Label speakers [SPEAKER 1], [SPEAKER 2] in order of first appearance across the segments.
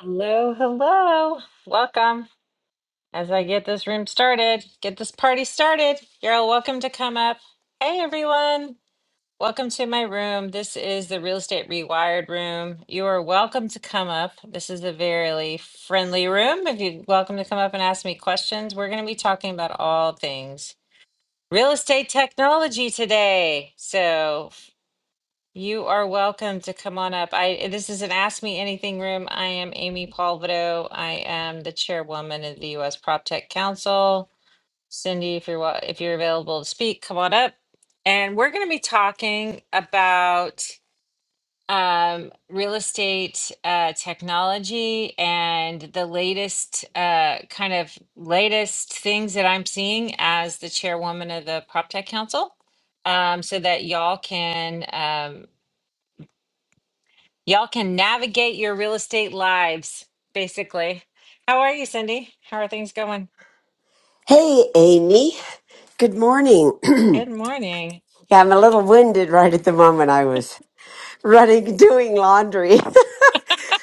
[SPEAKER 1] Hello, hello. Welcome. As I get this room started, get this party started. You're all welcome to come up. Hey, everyone. Welcome to my room. This is the Real Estate Rewired room. You are welcome to come up. This is a very friendly room. If you're welcome to come up and ask me questions, we're going to be talking about all things real estate technology today. So, you are welcome to come on up. I this is an Ask Me Anything room. I am Amy Palvido. I am the chairwoman of the U.S. Prop Tech Council. Cindy, if you're wa- if you're available to speak, come on up. And we're going to be talking about um, real estate uh, technology and the latest uh, kind of latest things that I'm seeing as the chairwoman of the Prop Tech Council um, so that y'all can um, Y'all can navigate your real estate lives, basically. How are you, Cindy? How are things going?
[SPEAKER 2] Hey, Amy. Good morning.
[SPEAKER 1] Good morning.
[SPEAKER 2] yeah, I'm a little winded right at the moment. I was running, doing laundry.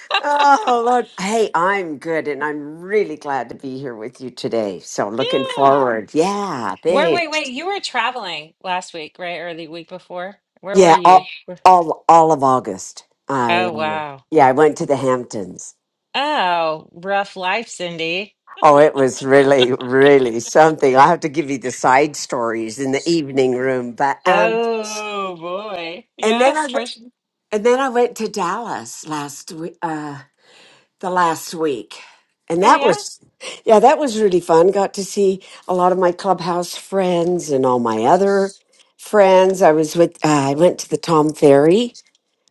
[SPEAKER 2] oh, Lord. Hey, I'm good, and I'm really glad to be here with you today. So, looking
[SPEAKER 1] Yeah.
[SPEAKER 2] forward. Yeah,
[SPEAKER 1] Where, wait,
[SPEAKER 2] thanks.
[SPEAKER 1] wait, you were traveling last week, right? Or the week before? Where were
[SPEAKER 2] Yeah,
[SPEAKER 1] you?
[SPEAKER 2] all,
[SPEAKER 1] Where-
[SPEAKER 2] all, all of August. I,
[SPEAKER 1] Oh,
[SPEAKER 2] um,
[SPEAKER 1] wow.
[SPEAKER 2] yeah, I went to the Hamptons.
[SPEAKER 1] Oh, rough life, Cindy.
[SPEAKER 2] Oh, it was really, really something. I'll have to give you the side stories in the evening room. But, um,
[SPEAKER 1] Oh, boy.
[SPEAKER 2] and then I
[SPEAKER 1] Yes. for
[SPEAKER 2] went.
[SPEAKER 1] su-
[SPEAKER 2] And then I went to Dallas last week, uh, the last week. And
[SPEAKER 1] Oh,
[SPEAKER 2] that
[SPEAKER 1] yeah?
[SPEAKER 2] was, yeah, that was really fun. Got to see a lot of my clubhouse friends and all my other friends. I was with, uh, I went to the Tom Ferry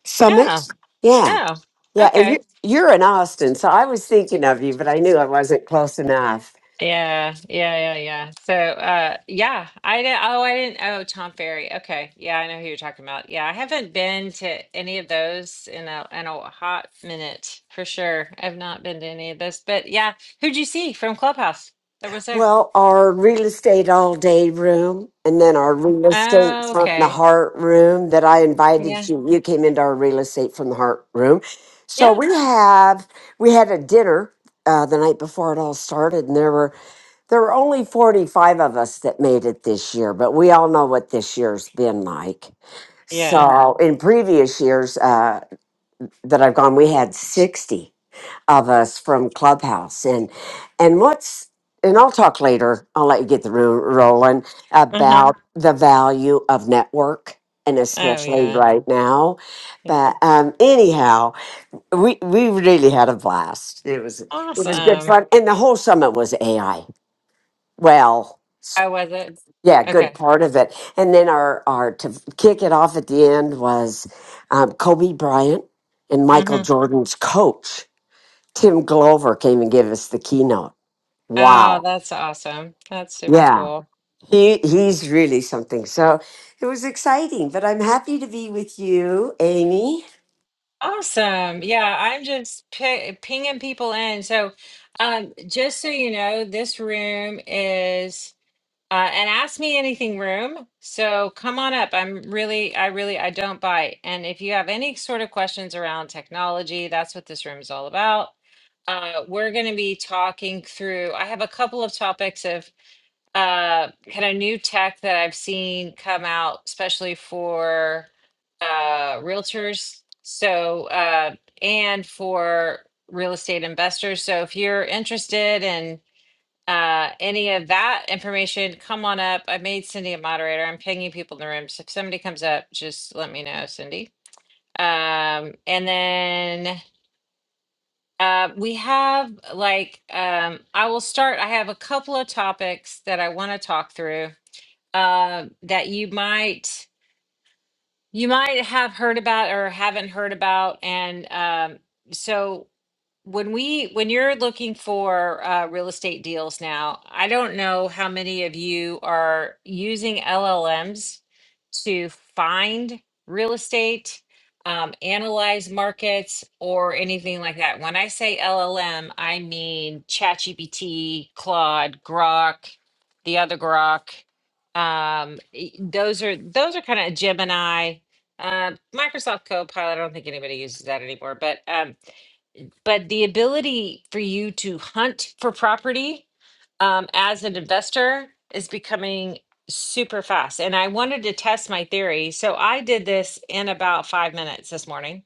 [SPEAKER 2] Summit.
[SPEAKER 1] Yeah.
[SPEAKER 2] Yeah.
[SPEAKER 1] Oh,
[SPEAKER 2] Yeah. And
[SPEAKER 1] okay.
[SPEAKER 2] you, you're in Austin. So I was thinking of you, but I knew I wasn't close enough.
[SPEAKER 1] Yeah, yeah, yeah, yeah. So, uh, yeah, I didn't. Oh, I didn't. Oh, Tom Ferry. Okay, yeah, I know who you're talking about. Yeah, I haven't been to any of those in a in a hot minute for sure. I've not been to any of those, but yeah, who'd you see from Clubhouse that was there?
[SPEAKER 2] Well, our real estate all day room, and then our real estate
[SPEAKER 1] Oh,
[SPEAKER 2] from the
[SPEAKER 1] okay.
[SPEAKER 2] heart room that I invited
[SPEAKER 1] Yeah,
[SPEAKER 2] you. You came into our real estate from the heart room. So
[SPEAKER 1] yeah,
[SPEAKER 2] we have we had a dinner uh, the night before it all started, and there were there were only forty five of us that made it this year. But we all know what this year's been like.
[SPEAKER 1] yeah.
[SPEAKER 2] So in previous years uh, that I've gone, we had sixty of us from Clubhouse. And and what's and I'll talk later. I'll let you get the room rolling
[SPEAKER 1] Uh-huh.
[SPEAKER 2] about the value of network and
[SPEAKER 1] Oh,
[SPEAKER 2] especially
[SPEAKER 1] yeah.
[SPEAKER 2] right now. But um, anyhow, we we really had a blast. It was it was good
[SPEAKER 1] Awesome.
[SPEAKER 2] fun, and the whole summit was AI. Well. s-
[SPEAKER 1] How was it?
[SPEAKER 2] Yeah, good
[SPEAKER 1] Okay.
[SPEAKER 2] part of it. And then our, our to kick it off at the end was um, Kobe Bryant and Michael
[SPEAKER 1] Mm-hmm.
[SPEAKER 2] Jordan's coach Tim Glover came and gave us the keynote.
[SPEAKER 1] Oh,
[SPEAKER 2] Wow.
[SPEAKER 1] that's awesome. That's super
[SPEAKER 2] Yeah.
[SPEAKER 1] cool.
[SPEAKER 2] He he's really something. So it was exciting, but I'm happy to be with you, Amy.
[SPEAKER 1] Awesome. Yeah, I'm just pi pinging people in. So, um, just so you know, this room is uh, an ask me anything room. So come on up. I'm really, I really, I don't bite. And if you have any sort of questions around technology, that's what this room is all about. Uh, we're going to be talking through. I have a couple of topics of uh kind of new tech that I've seen come out, especially for uh realtors. So uh and for real estate investors. So if you're interested in uh any of that information, come on up. I made Cindy a moderator. I'm pinging people in the room. So if somebody comes up, just let me know, Cindy. Um and then uh, we have like um, I will start. I have a couple of topics that I want to talk through uh, that you might you might have heard about or haven't heard about, and um, so when we when you're looking for uh, real estate deals now i don't know how many of you are using llms to find real estate um, analyze markets or anything like that when i say llm i mean chatgpt claude grok the other grok um, e- those are those are kind of gemini uh, microsoft copilot i don't think anybody uses that anymore but um, but the ability for you to hunt for property um, as an investor is becoming super fast. And I wanted to test my theory. So I did this in about five minutes this morning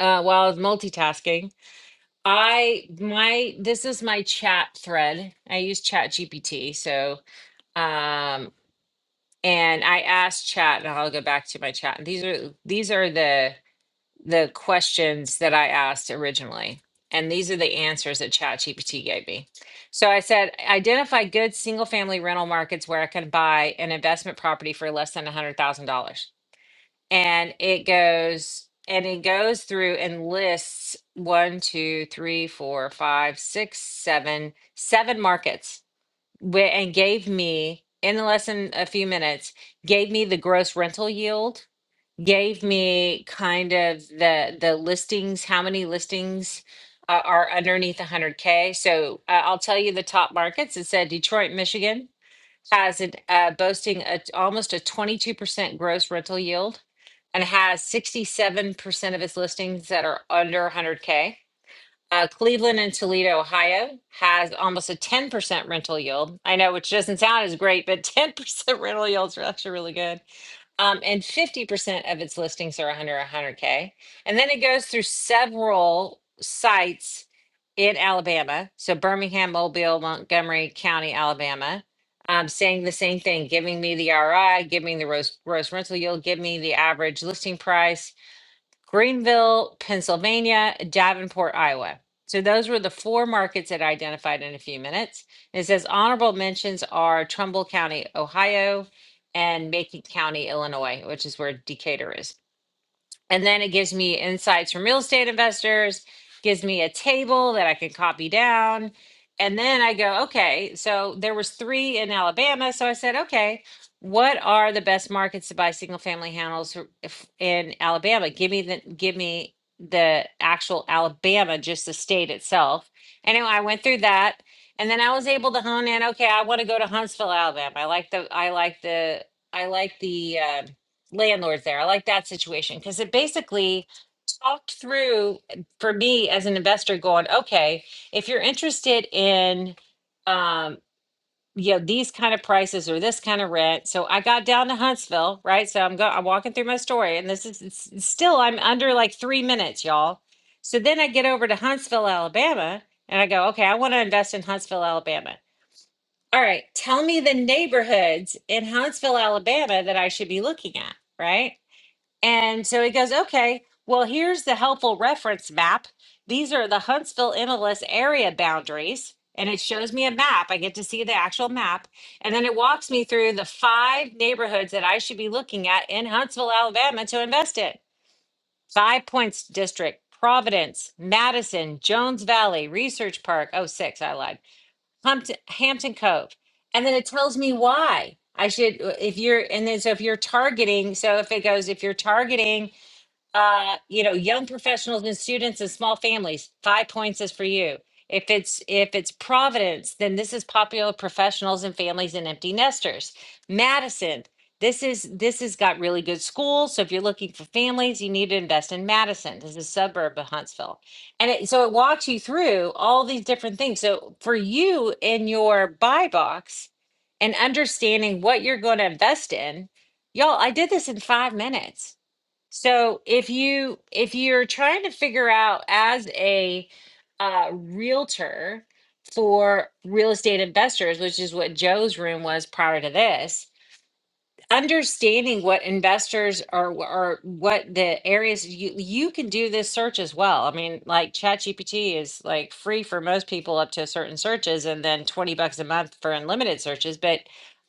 [SPEAKER 1] uh, while I was multitasking. I, my, this is my chat thread. I use Chat GPT. So, um, and I asked chat and I'll go back to my chat. These are, these are the, the questions that I asked originally. And these are the answers that ChatGPT gave me. So I said, identify good single family rental markets where I can buy an investment property for less than $100,000. And it goes, and it goes through and lists one, two, three, four, five, six, seven, seven markets where, and gave me in less than a few minutes, gave me the gross rental yield gave me kind of the the listings, how many listings uh, are underneath 100K. So uh, I'll tell you the top markets. It said Detroit, Michigan has it uh, boasting a, almost a 22% gross rental yield and has 67% of its listings that are under 100K. Uh, Cleveland and Toledo, Ohio has almost a 10% rental yield. I know, which doesn't sound as great, but 10% rental yields are actually really good. Um, and 50% of its listings are under 100K. And then it goes through several sites in Alabama. So Birmingham, Mobile, Montgomery County, Alabama, um, saying the same thing, giving me the RI, giving me the gross, gross rental yield, give me the average listing price Greenville, Pennsylvania, Davenport, Iowa. So those were the four markets that I identified in a few minutes. And It says honorable mentions are Trumbull County, Ohio, and Macon County, Illinois, which is where Decatur is. And then it gives me insights from real estate investors, gives me a table that I can copy down. And then I go, okay, so there was three in Alabama. So I said, okay, what are the best markets to buy single family handles r- if- in Alabama? Give me the give me the actual Alabama, just the state itself. Anyway, I went through that and then I was able to hone in, okay, I want to go to Huntsville, Alabama. I like the I like the I like the uh landlord there. I like that situation because it basically talked through eh, for me as an investor going, okay, if you're interested in um you know these kind of prices or this kind of rent. So I got down to Huntsville, right? So I'm go I'm walking through my story and this is it's, it's still I'm under like 3 minutes, y'all. So then I get over to Huntsville, Alabama, and I go, okay, I want to invest in Huntsville, Alabama. All right, tell me the neighborhoods in Huntsville, Alabama that I should be looking at, right? And so he goes, okay, well, here's the helpful reference map. These are the Huntsville MLS area boundaries. And it shows me a map. I get to see the actual map. And then it walks me through the five neighborhoods that I should be looking at in Huntsville, Alabama to invest in Five Points District, Providence, Madison, Jones Valley, Research Park. Oh, six, I lied. Hampton, Hampton Cove. And then it tells me why I should, if you're, and then so if you're targeting, so if it goes, if you're targeting, uh, you know, young professionals and students and small families, five points is for you. If it's if it's Providence, then this is popular professionals and families and empty nesters. Madison, this is this has got really good schools. So if you're looking for families, you need to invest in Madison. This is a suburb of Huntsville. And it, so it walks you through all these different things. So for you in your buy box and understanding what you're going to invest in, y'all, I did this in five minutes so if you if you're trying to figure out as a uh, realtor for real estate investors, which is what Joe's room was prior to this, understanding what investors are or what the areas you you can do this search as well. I mean, like ChatGPT is like free for most people up to certain searches and then 20 bucks a month for unlimited searches, but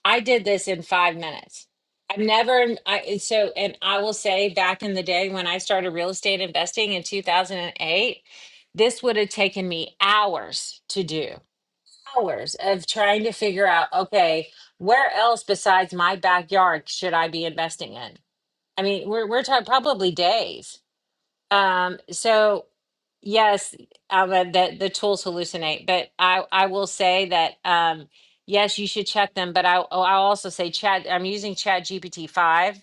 [SPEAKER 1] I did this in 5 minutes. I've never I and so and I will say back in the day when I started real estate investing in 2008, this would have taken me hours to do hours of trying to figure out, okay, where else besides my backyard should I be investing in? I mean, we're we're talking probably days. Um, so Yes, um, uh, the the tools hallucinate, but I I will say that um, yes, you should check them. But I oh, I'll also say Chat. I'm using Chat GPT five,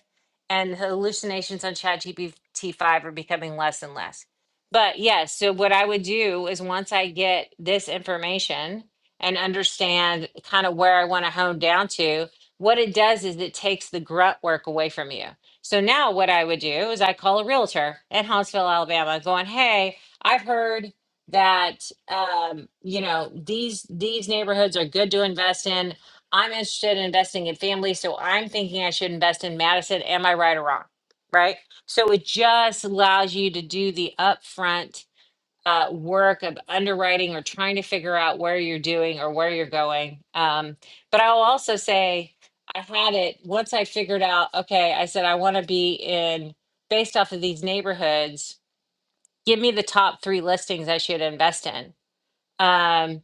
[SPEAKER 1] and hallucinations on Chat GPT five are becoming less and less. But yes, so what I would do is once I get this information and understand kind of where I want to hone down to, what it does is it takes the grunt work away from you. So now what I would do is I call a realtor in Huntsville, Alabama, going, "Hey." I've heard that um, you know these these neighborhoods are good to invest in. I'm interested in investing in family, so I'm thinking I should invest in Madison. Am I right or wrong? Right. So it just allows you to do the upfront uh, work of underwriting or trying to figure out where you're doing or where you're going. Um, but I'll also say I had it once I figured out. Okay, I said I want to be in based off of these neighborhoods give me the top three listings I should invest in. Um,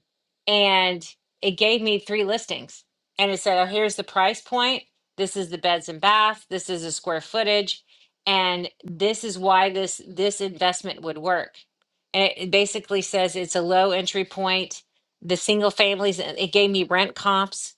[SPEAKER 1] and it gave me three listings. And it said, oh, here's the price point. This is the beds and bath. This is the square footage. And this is why this this investment would work. And it it basically says it's a low entry point. The single families, it gave me rent comps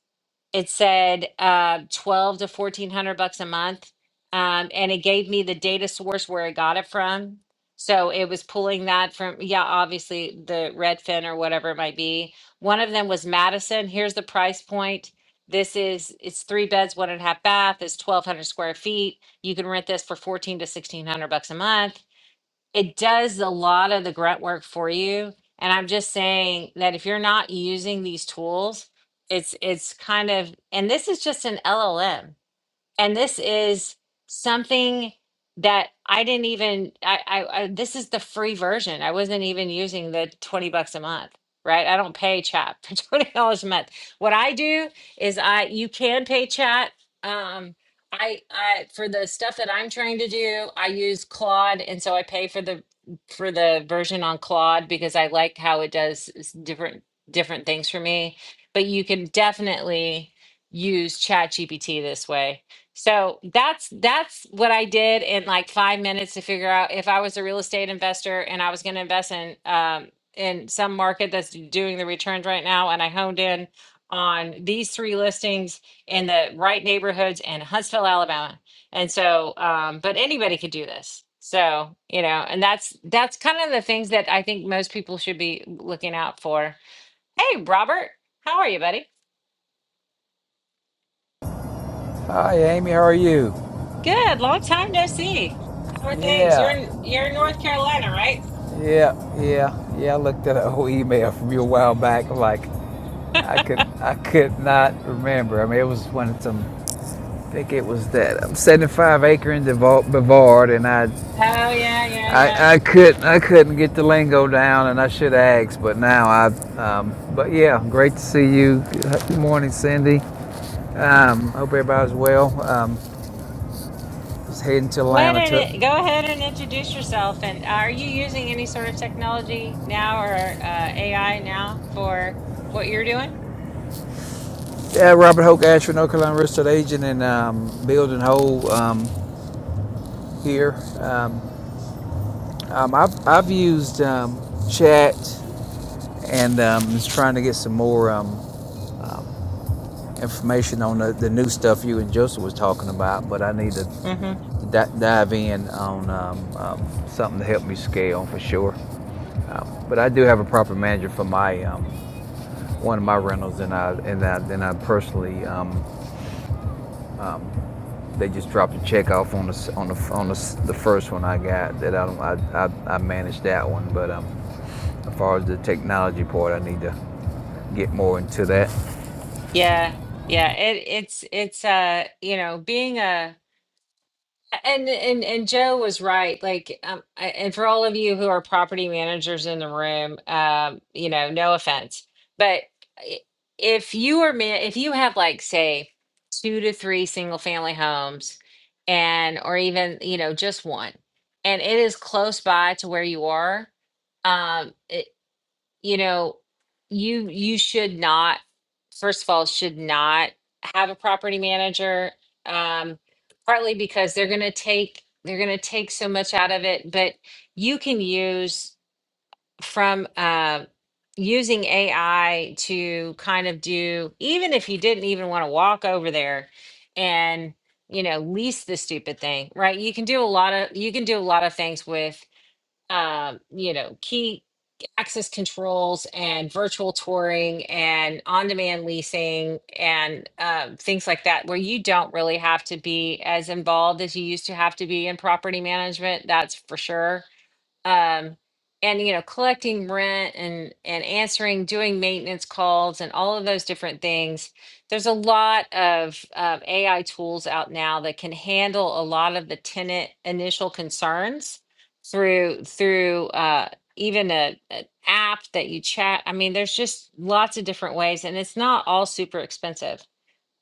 [SPEAKER 1] it said uh, 12 to 1400 bucks a month um, and it gave me the data source where i got it from so it was pulling that from yeah obviously the redfin or whatever it might be one of them was madison here's the price point this is it's three beds one and a half bath it's 1200 square feet you can rent this for 14 to 1600 bucks a month it does a lot of the grunt work for you and i'm just saying that if you're not using these tools it's it's kind of and this is just an llm and this is something that I didn't even I, I I this is the free version. I wasn't even using the 20 bucks a month, right? I don't pay chat for $20 a month. What I do is I you can pay chat. Um I I for the stuff that I'm trying to do, I use Claude and so I pay for the for the version on Claude because I like how it does s- different different things for me. But you can definitely use ChatGPT this way so that's that's what I did in like five minutes to figure out if I was a real estate investor and I was going to invest in um, in some market that's doing the returns right now, and I honed in on these three listings in the right neighborhoods in Huntsville, Alabama. And so, um, but anybody could do this. So you know, and that's that's kind of the things that I think most people should be looking out for. Hey, Robert, how are you, buddy?
[SPEAKER 3] Hi, Amy. How are you?
[SPEAKER 1] Good. Long time no see. How are things? You're in
[SPEAKER 3] Yeah,
[SPEAKER 1] you're in North Carolina, right?
[SPEAKER 3] yeah, yeah, yeah. I looked at a whole email from you a while back. I'm Like, I could, I could not remember. I mean, it was one of some. I think it was that I'm 75 acre in Devol- Bavard, and I,
[SPEAKER 1] Oh yeah, yeah, yeah.
[SPEAKER 3] I, I couldn't, I couldn't get the lingo down, and I should have asked, but now I, um, but yeah, great to see you. Good morning, Cindy. Um, hope everybody's well. Um, just heading to
[SPEAKER 1] Go ahead
[SPEAKER 3] Atlanta
[SPEAKER 1] and
[SPEAKER 3] to,
[SPEAKER 1] i- go ahead and introduce yourself. And uh, are you using any sort of technology now or uh, AI now for what you're doing?
[SPEAKER 3] Yeah, Robert Hoke Ashford, North Carolina real estate agent and um, building whole um, here. Um, um, I've, I've used um, chat and um, just trying to get some more um, um, information on the, the new stuff you and Joseph was talking about, but I need to
[SPEAKER 1] hmm
[SPEAKER 3] di- dive in on um, um, something to help me scale for sure. Um, but I do have a property manager for my um, one of my rentals, and I and I, and I personally. Um, They just dropped a check off on the on the on the, the first one I got that I don't I, I, I managed that one, but um, as far as the technology part, I need to get more into that.
[SPEAKER 1] Yeah, yeah. It it's it's uh you know being a And and and Joe was right. Like, um, I- and for all of you who are property managers in the room, um, you know, no offense, but i- if you are man, if you have like say two to three single family homes, and or even you know just one, and it is close by to where you are, um, you know, you you should not, first of all, should not have a property manager, um, partly because they're gonna take they're gonna take so much out of it, but you can use from uh, using AI to kind of do even if you didn't even want to walk over there and you know lease the stupid thing, right? You can do a lot of you can do a lot of things with um, you know, key access controls and virtual touring and on-demand leasing and um, things like that, where you don't really have to be as involved as you used to have to be in property management. That's for sure um, and you know collecting rent and and answering doing maintenance calls and all of those different things there's a lot of um, ai tools out now that can handle a lot of the tenant initial concerns through through uh, even a, an app that you chat i mean there's just lots of different ways and it's not all super expensive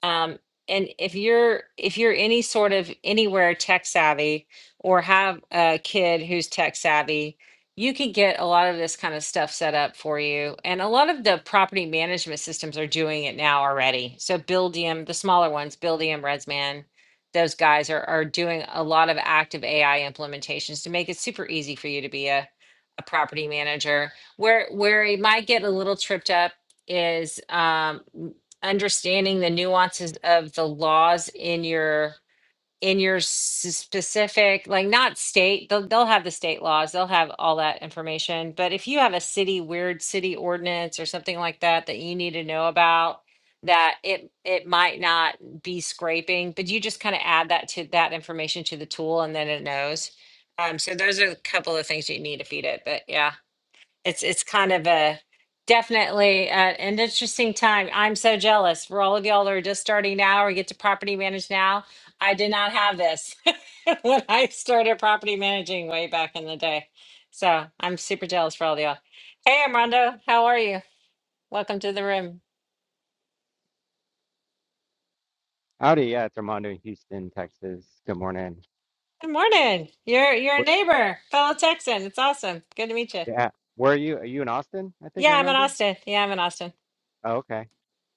[SPEAKER 1] um, and if you're if you're any sort of anywhere tech savvy or have a kid who's tech savvy, you can get a lot of this kind of stuff set up for you. And a lot of the property management systems are doing it now already. So Buildium, the smaller ones, Buildium, Redsman, those guys are are doing a lot of active AI implementations to make it super easy for you to be a a property manager. Where where you might get a little tripped up is um, understanding the nuances of the laws in your in your s- specific like not state they'll, they'll have the state laws they'll have all that information but if you have a city weird city ordinance or something like that that you need to know about that it it might not be scraping but you just kind of add that to that information to the tool and then it knows um so those are a couple of things you need to feed it but yeah it's it's kind of a definitely uh, an interesting time. I'm so jealous for all of y'all that are just starting now or get to property manage now. I did not have this when I started property managing way back in the day. So I'm super jealous for all of y'all. Hey, Armando, how are you? Welcome to the room.
[SPEAKER 4] Howdy, yeah, it's Armando in Houston, Texas. Good morning.
[SPEAKER 1] Good morning. You're you're a
[SPEAKER 4] What,
[SPEAKER 1] neighbor, fellow Texan. It's awesome. Good to meet you.
[SPEAKER 4] yeah, where are you? Are you in Austin? I think I
[SPEAKER 1] Yeah, I'm in
[SPEAKER 4] remember.
[SPEAKER 1] Austin. Yeah, I'm in Austin.
[SPEAKER 4] Oh, okay.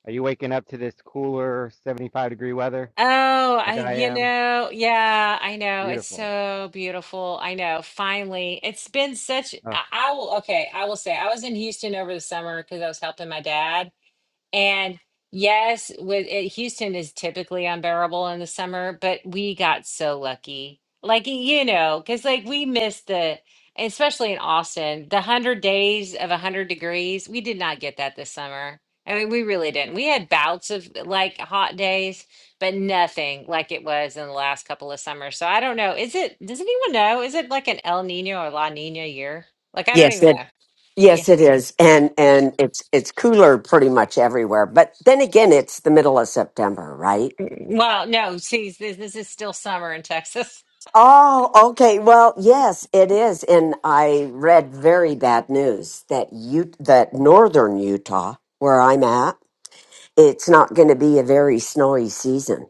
[SPEAKER 4] Are you waking up to this cooler 75 degree weather
[SPEAKER 1] Oh,
[SPEAKER 4] like
[SPEAKER 1] I
[SPEAKER 4] I
[SPEAKER 1] you
[SPEAKER 4] am?
[SPEAKER 1] know, yeah, I know. It's
[SPEAKER 4] Beautiful.
[SPEAKER 1] so beautiful. I know. Finally, it's been such
[SPEAKER 4] Uh,
[SPEAKER 1] I, I will okay, I will say I was in Houston over the summer because I was helping my dad. And yes, with it, Houston is typically unbearable in the summer, but we got so lucky. Like, y- you know, because like we missed the, especially in Austin, the 100 days of 100 degrees. We did not get that this summer. I mean, we really didn't. We had bouts of like hot days, but nothing like it was in the last couple of summers. So I don't know. Is it, does anyone know? Is it like an El Nino or La Nina year? Like, I don't
[SPEAKER 2] Yes,
[SPEAKER 1] even
[SPEAKER 2] it
[SPEAKER 1] know. Yeah.
[SPEAKER 2] yes it is. And and it's it's cooler pretty much everywhere. But then again, it's the middle of September, right?
[SPEAKER 1] Well, no, see, this, this is still summer in Texas.
[SPEAKER 2] Oh, okay. Well, yes, it is. And I read very bad news that you that northern Utah, where I'm at, it's not going to be a very snowy season.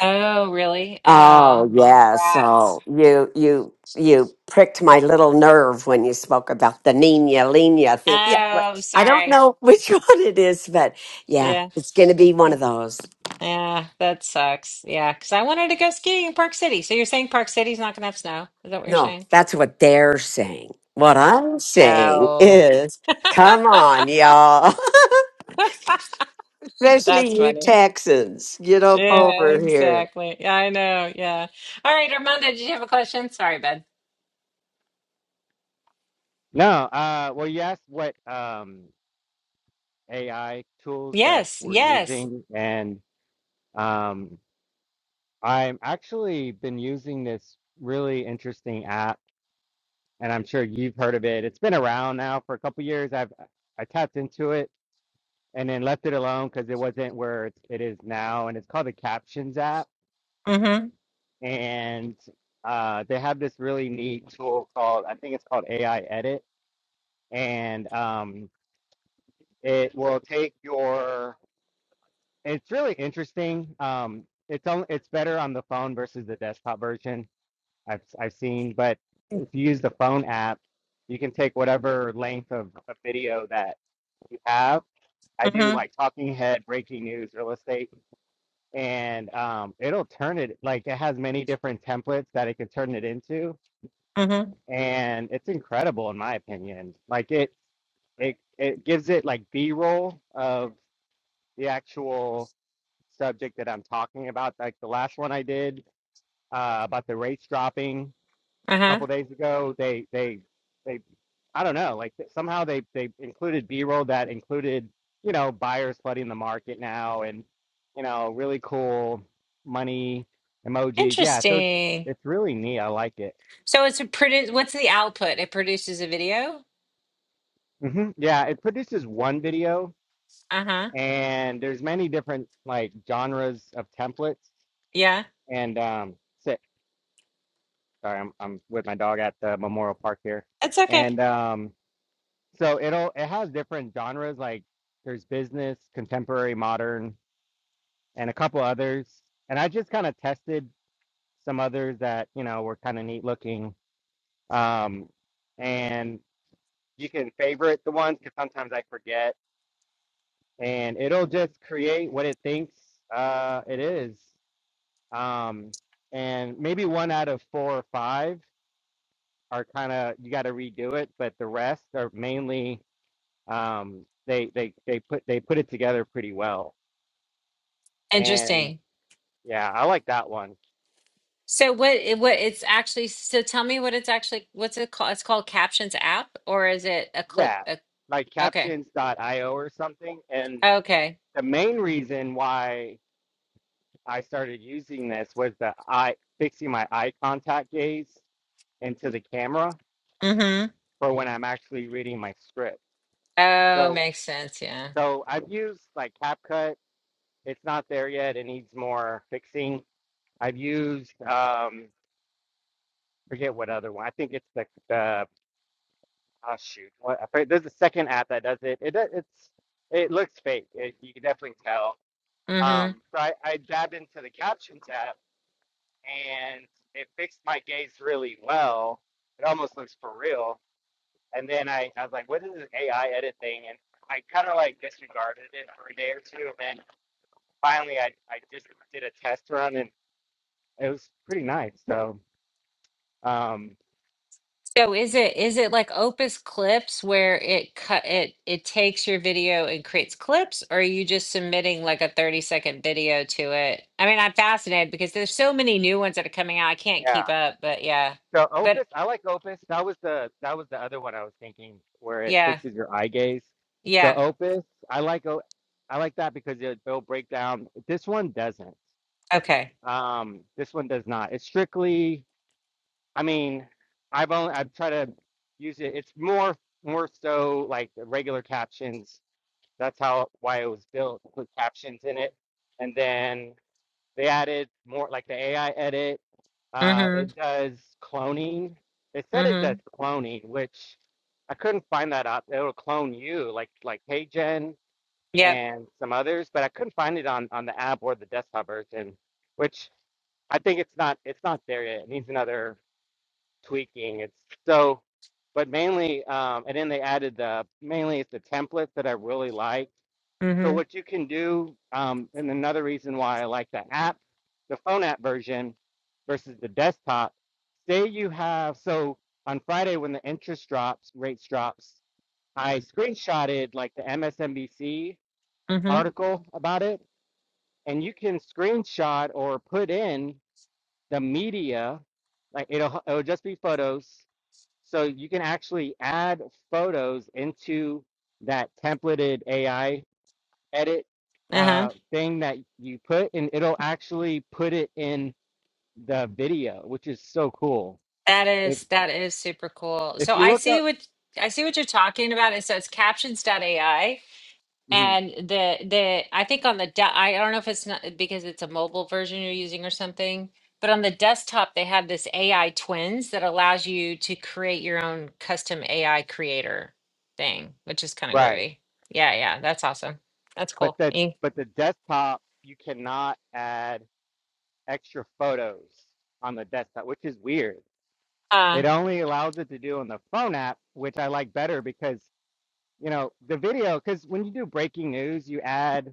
[SPEAKER 1] Oh, really?
[SPEAKER 2] Oh
[SPEAKER 1] Oh,
[SPEAKER 2] yeah, so
[SPEAKER 1] rats.
[SPEAKER 2] you you you pricked my little nerve when you spoke about the Nina Lina
[SPEAKER 1] Oh,
[SPEAKER 2] thing. Yeah, but
[SPEAKER 1] I'm
[SPEAKER 2] I don't
[SPEAKER 1] sorry.
[SPEAKER 2] know which one it is, but yeah,
[SPEAKER 1] Yeah.
[SPEAKER 2] it's going to be one of those.
[SPEAKER 1] Yeah, that sucks. Yeah, because I wanted to go skiing in Park City. So you're saying Park City's not going to have snow? Is that what you're
[SPEAKER 2] No,
[SPEAKER 1] saying?
[SPEAKER 2] that's what they're saying. What I'm saying
[SPEAKER 1] Oh.
[SPEAKER 2] is, come on, y'all,
[SPEAKER 1] That's
[SPEAKER 2] especially you
[SPEAKER 1] funny.
[SPEAKER 2] Texans, get up
[SPEAKER 1] Yeah,
[SPEAKER 2] over here.
[SPEAKER 1] exactly. Yeah, I know. Yeah. All right, Armando, did you have a question? Sorry, bud.
[SPEAKER 4] no, uh, well, you asked what um, AI tools that
[SPEAKER 1] Yes,
[SPEAKER 4] we're
[SPEAKER 1] yes.
[SPEAKER 4] using, and um, I'm actually been using this really interesting app, and I'm sure you've heard of it. It's been around now for a couple years. I've I tapped into it and then left it alone because it wasn't where it, it is now. And it's called the Captions app.
[SPEAKER 1] Mm-hmm.
[SPEAKER 4] And uh, they have this really neat tool called, I think it's called AI Edit. And um, it will take your, it's really interesting. Um, it's on, it's better on the phone versus the desktop version I've, I've seen. But if you use the phone app, you can take whatever length of, a video that you have. I do
[SPEAKER 1] Mm-hmm.
[SPEAKER 4] like talking head, breaking news, real estate and um, it'll turn it like it has many different templates that it can turn it into,
[SPEAKER 1] Mm-hmm.
[SPEAKER 4] and it's incredible in my opinion. Like it, it it gives it like B-roll of the actual subject that I'm talking about. Like the last one I did uh, about the rates dropping,
[SPEAKER 1] Uh-huh.
[SPEAKER 4] couple days ago. They they they I don't know. Like somehow they they included B roll that included you know buyers flooding the market now and you know really cool money emojis. Yeah, so it's
[SPEAKER 1] Interesting.
[SPEAKER 4] it's really neat. I like it.
[SPEAKER 1] So it's a produce. What's the output? It produces a video.
[SPEAKER 4] hmm Yeah, it produces one video
[SPEAKER 1] Uh huh.
[SPEAKER 4] and there's many different like genres of templates
[SPEAKER 1] Yeah.
[SPEAKER 4] and um sit. Sorry, I'm I'm with my dog at the Memorial Park here
[SPEAKER 1] That's okay.
[SPEAKER 4] and um. So it'll it has different genres like there's business, contemporary, modern, and a couple others. And I just kind of tested some others that, you know, were kind of neat looking. Um, and you can favorite the ones because sometimes I forget, and it'll just create what it thinks uh, it is. Um, and maybe one out of four or five are kind of you got to redo it, but the rest are mainly um, they they they put they put it together pretty well. And
[SPEAKER 1] Interesting.
[SPEAKER 4] yeah, I like that one.
[SPEAKER 1] So what? It, what it's actually? So tell me what it's actually. What's it called? It's called Captions app, or is it a clip?
[SPEAKER 4] Yeah,
[SPEAKER 1] A,
[SPEAKER 4] like
[SPEAKER 1] okay.
[SPEAKER 4] captions.io or something. And
[SPEAKER 1] Okay.
[SPEAKER 4] the main reason why I started using this was the eye fixing my eye contact gaze into the camera
[SPEAKER 1] Mm hmm.
[SPEAKER 4] for when I'm actually reading my script.
[SPEAKER 1] Oh,
[SPEAKER 4] So
[SPEAKER 1] makes sense. Yeah.
[SPEAKER 4] so I've used like CapCut. It's not there yet. It needs more fixing. I've used um forget what other one. I think it's the the Oh shoot! What, I there's a second app that does it. It does- it's it looks fake. It, you can definitely tell.
[SPEAKER 1] Mm-hmm.
[SPEAKER 4] Um, so I, I dabbed into the captions app and it fixed my gaze really well. It almost looks for real. And then I, I was like, what is this AI edit thing? And I kind of like disregarded it for a day or two. And then finally, I, I just did a test run and it was pretty nice. So um,
[SPEAKER 1] So is it is it like Opus Clips where it cut it it takes your video and creates clips, or are you just submitting like a 30 second video to it? I mean, I'm fascinated because there's so many new ones that are coming out. I can't
[SPEAKER 4] yeah.
[SPEAKER 1] keep up, but yeah.
[SPEAKER 4] So
[SPEAKER 1] But
[SPEAKER 4] Opus, I like Opus. That was the that was the other one I was thinking where it
[SPEAKER 1] yeah,
[SPEAKER 4] fixes your eye gaze. So
[SPEAKER 1] yeah.
[SPEAKER 4] Opus, I like O I like that because it, it'll break down. This one doesn't.
[SPEAKER 1] Okay.
[SPEAKER 4] Um, this one does not. It's strictly, I mean, I've only I've tried to use it. It's more more so like the regular captions. That's how why it was built. Put captions in it, and then they added more like the AI edit. Uh,
[SPEAKER 1] Mm-hmm.
[SPEAKER 4] it does cloning. They said it
[SPEAKER 1] Mm-hmm.
[SPEAKER 4] does cloning, which I couldn't find that up. It'll clone you, like like HeyGen
[SPEAKER 1] Yep.
[SPEAKER 4] and some others, but I couldn't find it on on the app or the desktop version, which I think it's not it's not there yet. It needs another tweaking. It's so, but mainly, um, and then they added the mainly it's the templates that I really like so
[SPEAKER 1] Mm-hmm.
[SPEAKER 4] what you can do, um, and another reason why I like the app, the phone app version versus the desktop, say you have, so on Friday when the interest drops, rates drops, I screenshotted like the MSNBC
[SPEAKER 1] Mm-hmm.
[SPEAKER 4] article about it, and you can screenshot or put in the media, like it'll it'll just be photos. So you can actually add photos into that templated AI edit
[SPEAKER 1] Uh-huh.
[SPEAKER 4] uh, thing that you put, and it'll actually put it in the video, which is so cool.
[SPEAKER 1] That
[SPEAKER 4] If
[SPEAKER 1] is that is super cool. So
[SPEAKER 4] if you
[SPEAKER 1] I
[SPEAKER 4] look
[SPEAKER 1] see
[SPEAKER 4] up,
[SPEAKER 1] what I see what you're talking about. And so it's Captions AI.
[SPEAKER 4] Mhm,
[SPEAKER 1] And the the I think on the de- I don't know if it's not because it's a mobile version you're using or something, but on the desktop they have this AI twins that allows you to create your own custom AI creator thing, which is kind of
[SPEAKER 4] right,
[SPEAKER 1] groovy. Yeah, yeah, that's awesome. That's
[SPEAKER 4] but
[SPEAKER 1] cool.
[SPEAKER 4] the
[SPEAKER 1] Eh,
[SPEAKER 4] but the desktop, you cannot add extra photos on the desktop, which is weird.
[SPEAKER 1] Uh,
[SPEAKER 4] It only allows it to do on the phone app, which I like better because you know the video. Because when you do breaking news, you add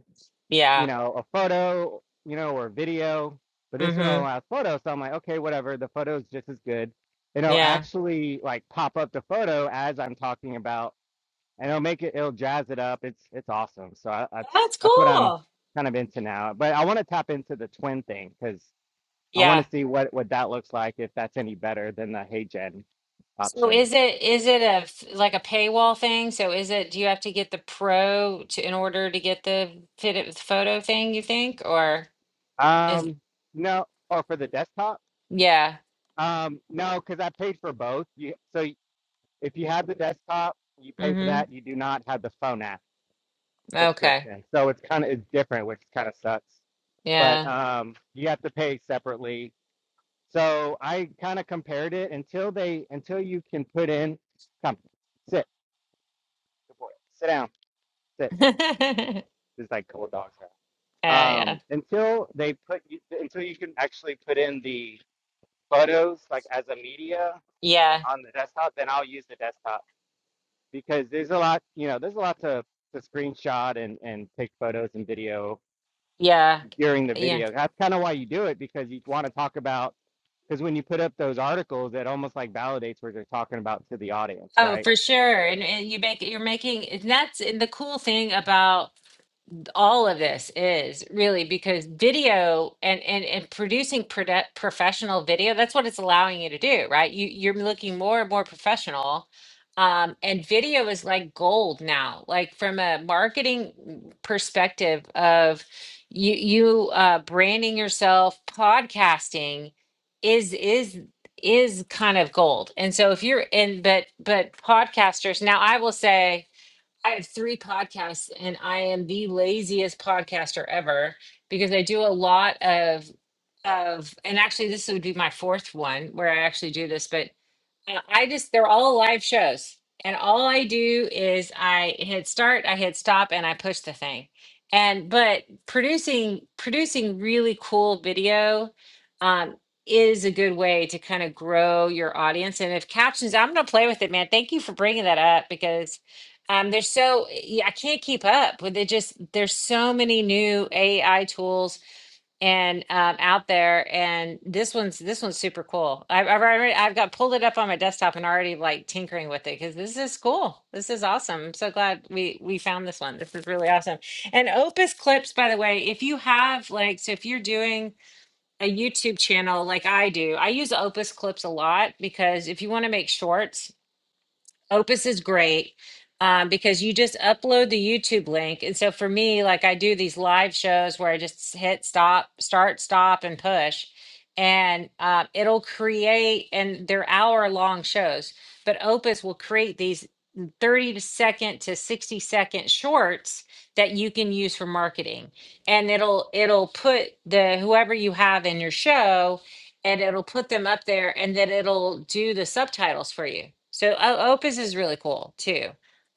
[SPEAKER 4] you
[SPEAKER 1] yeah.
[SPEAKER 4] know, a photo, you know, or a video, but this one only
[SPEAKER 1] Mhm.
[SPEAKER 4] allows photos. So I'm like, okay, whatever. The photo is just as good. And It'll
[SPEAKER 1] Yeah.
[SPEAKER 4] actually like pop up the photo as I'm talking about, and it'll make it, it'll jazz it up. It's it's awesome. So I, that's
[SPEAKER 1] That's
[SPEAKER 4] that's what I'm
[SPEAKER 1] cool.
[SPEAKER 4] kind of into now. But I want to tap into the twin thing because I want
[SPEAKER 1] Yeah.
[SPEAKER 4] to see what what that looks like if that's any better than the Hey Gen
[SPEAKER 1] So is
[SPEAKER 4] options.
[SPEAKER 1] it is it a f- like a paywall thing? So is it do you have to get the pro to in order to get the fit it with photo thing, you think, or? Is
[SPEAKER 4] Um, no, or for the desktop.
[SPEAKER 1] yeah.
[SPEAKER 4] Um, no, because I paid for both. You, so If you have the desktop, you pay for
[SPEAKER 1] hmm
[SPEAKER 4] that. You do not have the phone app
[SPEAKER 1] Okay.
[SPEAKER 4] subscription, so it's kind of it's different, which kind of sucks. But
[SPEAKER 1] Yeah.
[SPEAKER 4] um, you have to pay separately. So I kind of compared it until they until you can put in come sit good boy sit down sit.
[SPEAKER 1] yeah.
[SPEAKER 4] It's like cold dogs. now.
[SPEAKER 1] Yeah.
[SPEAKER 4] Um, until they put you until you can actually put in the photos like as a media eh,
[SPEAKER 1] Yeah.
[SPEAKER 4] on the desktop, then I'll use the desktop because there's a lot, you know, there's a lot to to screenshot and and take photos and video
[SPEAKER 1] Yeah.
[SPEAKER 4] during the
[SPEAKER 1] Yeah.
[SPEAKER 4] video. That's kind of why you do it because you want to talk about because when you put up those articles, it almost like validates what you're talking about to the audience,
[SPEAKER 1] Oh,
[SPEAKER 4] right?
[SPEAKER 1] for sure. And, and you make you're making and that's and the cool thing about all of this is really because video and and and producing produ- professional video that's what it's allowing you to do right you you're looking more and more professional um and video is like gold now like from a marketing perspective of you you uh branding yourself podcasting is is is kind of gold and so if you're in but but podcasters now i will say I have three podcasts and I am the laziest podcaster ever because I do a lot of of and actually this would be my fourth one where I actually do this, but I I just they're all live shows, and all I do is I hit start, I hit stop, and I push the thing. And but producing producing really cool video um, is a good way to kind of grow your audience. And if captions, I'm gonna play with it, man. Thank you for bringing that up because um, there's so yeah, I can't keep up with it. Just there's so many new AI tools and um, out there. And this one's this one's super cool. I've I've already I've got pulled it up on my desktop and already like tinkering with it because this is cool. This is awesome. I'm so glad we we found this one. This is really awesome. And Opus Clips, by the way, if you have like so if you're doing a YouTube channel like I do, I use Opus Clips a lot because if you want to make shorts Opus is great um, because you just upload the YouTube link. And so for me, like I do these live shows where I just hit stop, start, stop, and push, and uh, it'll create, and they're hour long shows, but Opus will create these 30 second to 60 second shorts that you can use for marketing and it'll it'll put the whoever you have in your show and it'll put them up there and then it'll do the subtitles for you. So O- Opus is really cool too.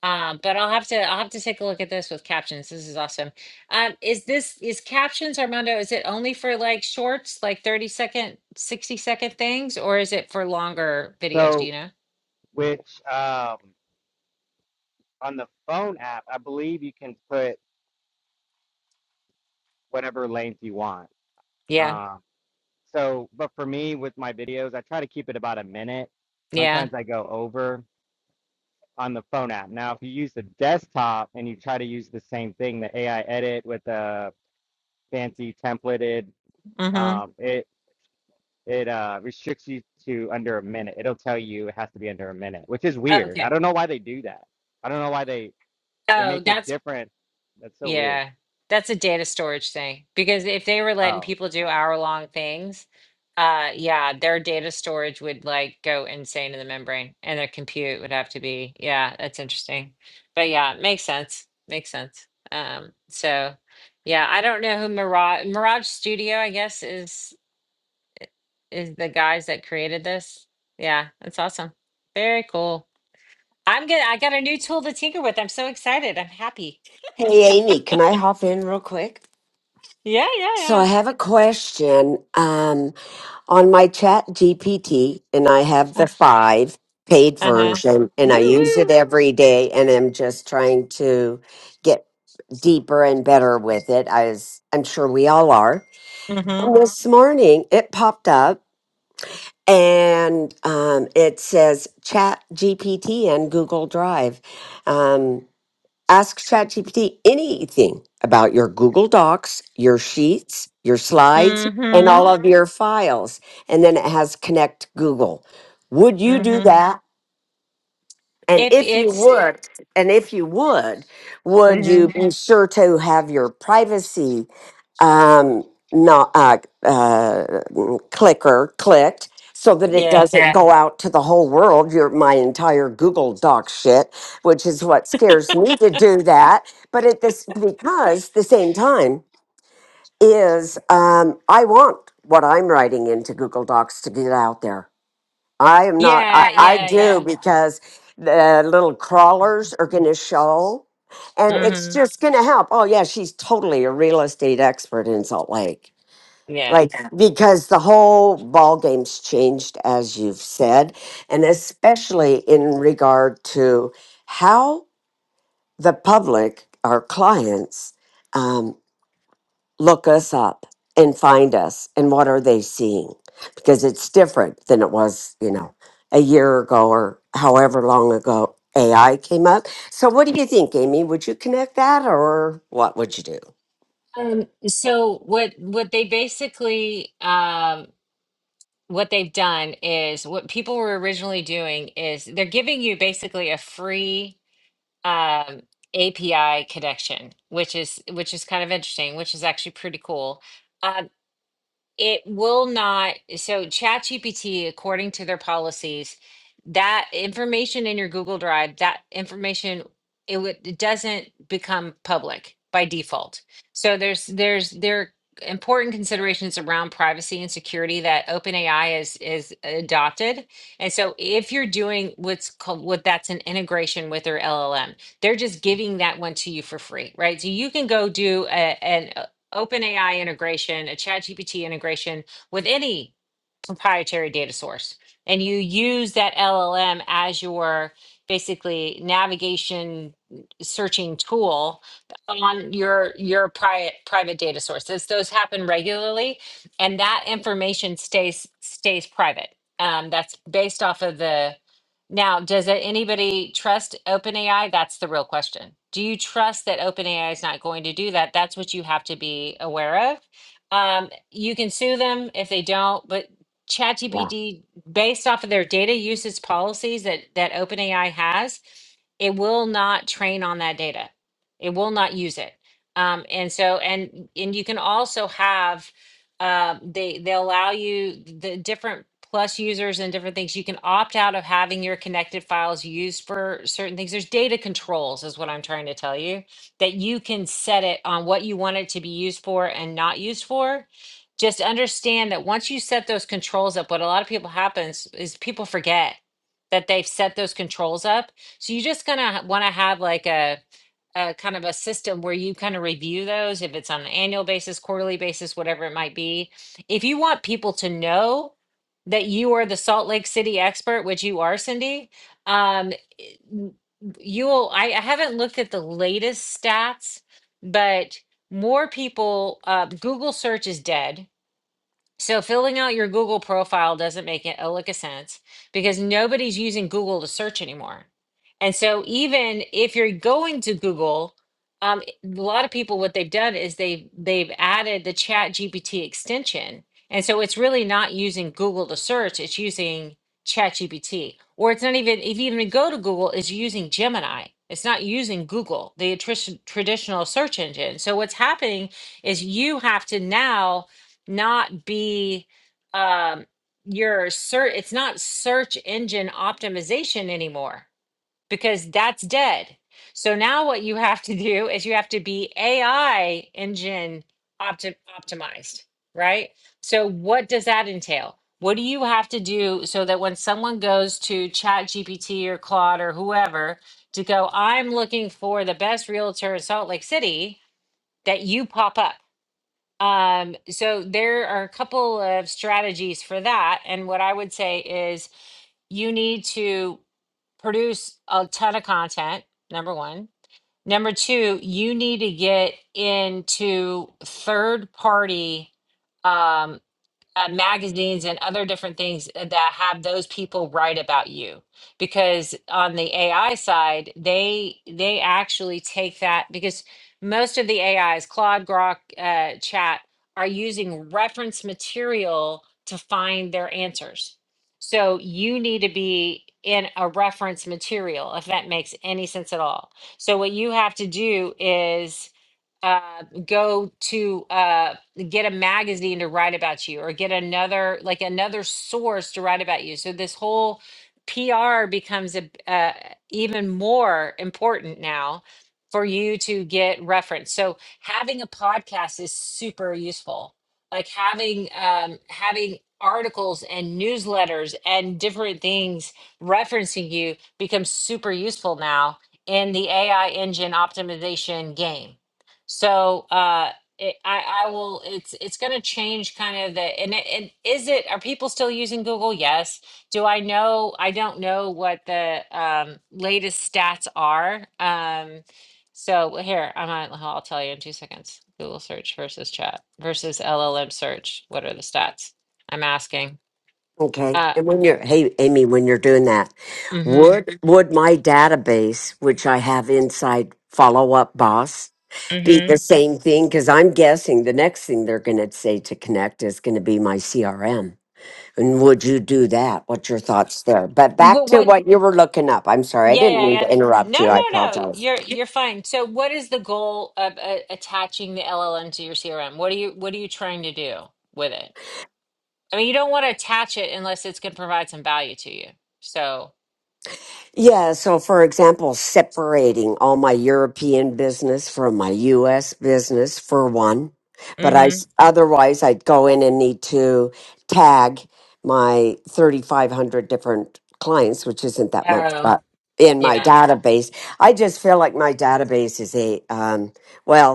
[SPEAKER 1] Um, but I'll have to I'll have to take a look at this with captions. This is awesome. Um, is this is captions Armando? Is it only for like shorts, like 30 second, 60 second things, or is it for longer videos? Do you
[SPEAKER 4] So,
[SPEAKER 1] know?
[SPEAKER 4] which um, on the phone app, I believe you can put whatever length you want.
[SPEAKER 1] Yeah.
[SPEAKER 4] Um, so, but for me with my videos, I try to keep it about a minute.
[SPEAKER 1] Yeah.
[SPEAKER 4] Sometimes I go over on the phone app. Now, if you use the desktop and you try to use the same thing, the AI edit with the fancy templated,
[SPEAKER 1] Mm-hmm.
[SPEAKER 4] um, it it uh, restricts you to under a minute. It'll tell you it has to be under a minute, which is
[SPEAKER 1] Oh,
[SPEAKER 4] weird. I
[SPEAKER 1] okay.
[SPEAKER 4] don't know why they do that. I don't know why they they
[SPEAKER 1] Oh,
[SPEAKER 4] make it
[SPEAKER 1] that's
[SPEAKER 4] different. That's so weird.
[SPEAKER 1] Yeah, that's a data storage thing because if they were letting
[SPEAKER 4] Oh,
[SPEAKER 1] people do
[SPEAKER 4] okay.
[SPEAKER 1] hour-long things, uh, yeah, their data storage would like go insane in the membrane, and their compute would have to be. Yeah, that's interesting. But yeah, makes sense. Makes sense. Um, so yeah, I don't know who Mirage Mirage Studio, I guess, is is the guys that created this. Yeah, that's awesome. Very cool. I'm gonna. I got a new tool to tinker with. I'm so excited. I'm happy.
[SPEAKER 2] Hey, Amy, can I hop in real quick?
[SPEAKER 1] Yeah, yeah,
[SPEAKER 2] So I have a question. Um, on my chat GPT and I have
[SPEAKER 1] yeah.
[SPEAKER 2] the five paid
[SPEAKER 1] Uh huh.
[SPEAKER 2] version and
[SPEAKER 1] Woo
[SPEAKER 2] I use it
[SPEAKER 1] woo.
[SPEAKER 2] every day and I'm just trying to get deeper and better with it as I'm sure we all are. And
[SPEAKER 1] Mhm.
[SPEAKER 2] this morning it popped up and um, it says chat GPT and Google Drive. Um, Ask ChatGPT anything about your Google Docs, your sheets, your slides, and all
[SPEAKER 1] Mhm.
[SPEAKER 2] of your files. And then it has connect Google. Would you do
[SPEAKER 1] Mhm.
[SPEAKER 2] that? And
[SPEAKER 1] If
[SPEAKER 2] if you
[SPEAKER 1] it's.
[SPEAKER 2] would, and if you would, would you
[SPEAKER 1] Mhm.
[SPEAKER 2] be sure to have your privacy um, not uh, uh, mm, clicker clicked so that it
[SPEAKER 1] Yeah.
[SPEAKER 2] doesn't Yeah. go out to the whole world? Your my entire Google Doc shit, which is what scares me to do that. But at this, because the same time is um, I want what I'm writing into Google Docs to get out there. I am not. I,
[SPEAKER 1] Yeah.
[SPEAKER 2] I
[SPEAKER 1] Yeah.
[SPEAKER 2] do
[SPEAKER 1] Yeah.
[SPEAKER 2] because the little crawlers are going to show, and it's
[SPEAKER 1] Mhm.
[SPEAKER 2] just going to help. Oh yeah, she's totally a real estate expert in Salt Lake.
[SPEAKER 1] Yeah.
[SPEAKER 2] Like Yeah. because the whole ball game's changed, as you've said, and especially in regard to how the public, our clients, um, look us up and find us and what are they seeing because it's different than it was you know a year ago or however long ago ai came up so what do you think amy would you connect that or what would you do
[SPEAKER 1] Um. So what? What they basically. Um. What they've done is what people were originally doing is they're giving you basically a free um, API connection, which is which is kind of interesting, which is actually pretty cool. Um, it will not so ChatGPT, according to their policies, that information in your Google Drive, that information it would it doesn't become public by default. So there's there's there are important considerations around privacy and security that OpenAI is is adopted. And so if you're doing what's called what that's an integration with their LLM, they're just giving that one to you for free, right? So you can go do a, an OpenAI integration, a ChatGPT integration with any proprietary data source and you use that LLM as your basically navigation searching tool on your your private private data sources those happen regularly and that information stays stays private um, that's based off of the now does it, anybody trust openai that's the real question do you trust that openai is not going to do that that's what you have to be aware of um, you can sue them if they don't, but
[SPEAKER 2] yeah
[SPEAKER 1] ChatGPT, based off of their data usage policies that that OpenAI has, it will not train on that data. It will not use it. Um, and so, and and you can also have uh, they they allow you the different plus users and different things. You can opt out of having your connected files used for certain things. There's data controls, is what I'm trying to tell you, that you can set it on what you want it to be used for and not used for just understand that once you set those controls up, what a lot of people happens is people forget that they've set those controls up. So you're just gonna want to have like a, a kind of a system where you kind of review those, if it's on an annual basis, quarterly basis, whatever it might be. If you want people to know that you are the Salt Lake City expert, which you are, Cindy, um, n- you'll. I, I haven't looked at the latest stats, but more people. Uh, Google search is dead so filling out your Google profile doesn't make it a lick of sense because nobody's using Google to search anymore. And so even if you're going to Google, um, a lot of people what they've done is they've they've added the Chat GPT extension. And so it's really not using Google to search, it's using Chat GPT. Or it's not even if you even go to Google, it's using Gemini. It's not using Google, the attrition, traditional search engine. So what's happening is you have to now not be um your search it's not search engine optimization anymore because that's dead so now what you have to do is you have to be ai engine opti- optimized right so what does that entail what do you have to do so that when someone goes to chat gpt or claude or whoever to go i'm looking for the best realtor in salt lake city that you pop up um, so there are a couple of strategies for that. And what I would say is you need to produce a ton of content, number one. Number two, you need to get into third party um, uh, magazines and other different things that have those people write about you because on the AI side they they actually take that because most of the AIs Claude Grok uh, chat are using reference material to find their answers so you need to be in a reference material if that makes any sense at all so what you have to do is uh, go to uh, get a magazine to write about you or get another like another source to write about you so this whole pr becomes a, uh, even more important now for you to get reference so having a podcast is super useful like having um, having articles and newsletters and different things referencing you becomes super useful now in the ai engine optimization game so uh, it, I I will. It's it's going to change kind of the and it, and is it are people still using Google? Yes. Do I know? I don't know what the um, latest stats are. Um, so well, here I'm on. I'll tell you in two seconds. Google search versus chat versus LLM search. What are the stats? I'm asking.
[SPEAKER 2] okay
[SPEAKER 1] Uh.
[SPEAKER 2] and when you're hey amy when you're doing that
[SPEAKER 1] Mm-hmm.
[SPEAKER 2] would would my database which i have inside follow up boss be the
[SPEAKER 1] Mm-hmm.
[SPEAKER 2] same thing because i'm guessing the next thing they're going to say to connect is going to be my crm And would you do that? What's your thoughts there? But back
[SPEAKER 1] But
[SPEAKER 2] to
[SPEAKER 1] what?
[SPEAKER 2] what you were looking up. I'm sorry, I
[SPEAKER 1] Yeah,
[SPEAKER 2] didn't mean
[SPEAKER 1] yeah,
[SPEAKER 2] to
[SPEAKER 1] and
[SPEAKER 2] interrupt
[SPEAKER 1] no,
[SPEAKER 2] you. I
[SPEAKER 1] no, no.
[SPEAKER 2] apologize.
[SPEAKER 1] You're you're fine. So, what is the goal of uh, attaching the LLM to your CRM? What are you What are you trying to do with it? I mean, you don't want to attach it unless it's going to provide some value to you. So,
[SPEAKER 2] Yeah, so for example, separating all my European business from my US business for one, but I
[SPEAKER 1] mm-hmm.
[SPEAKER 2] s- otherwise I'd go in and need to tag my 3500 different clients, which isn't that much,
[SPEAKER 1] Oh,
[SPEAKER 2] but in my
[SPEAKER 1] yeah.
[SPEAKER 2] database, I just feel like my database is a um well,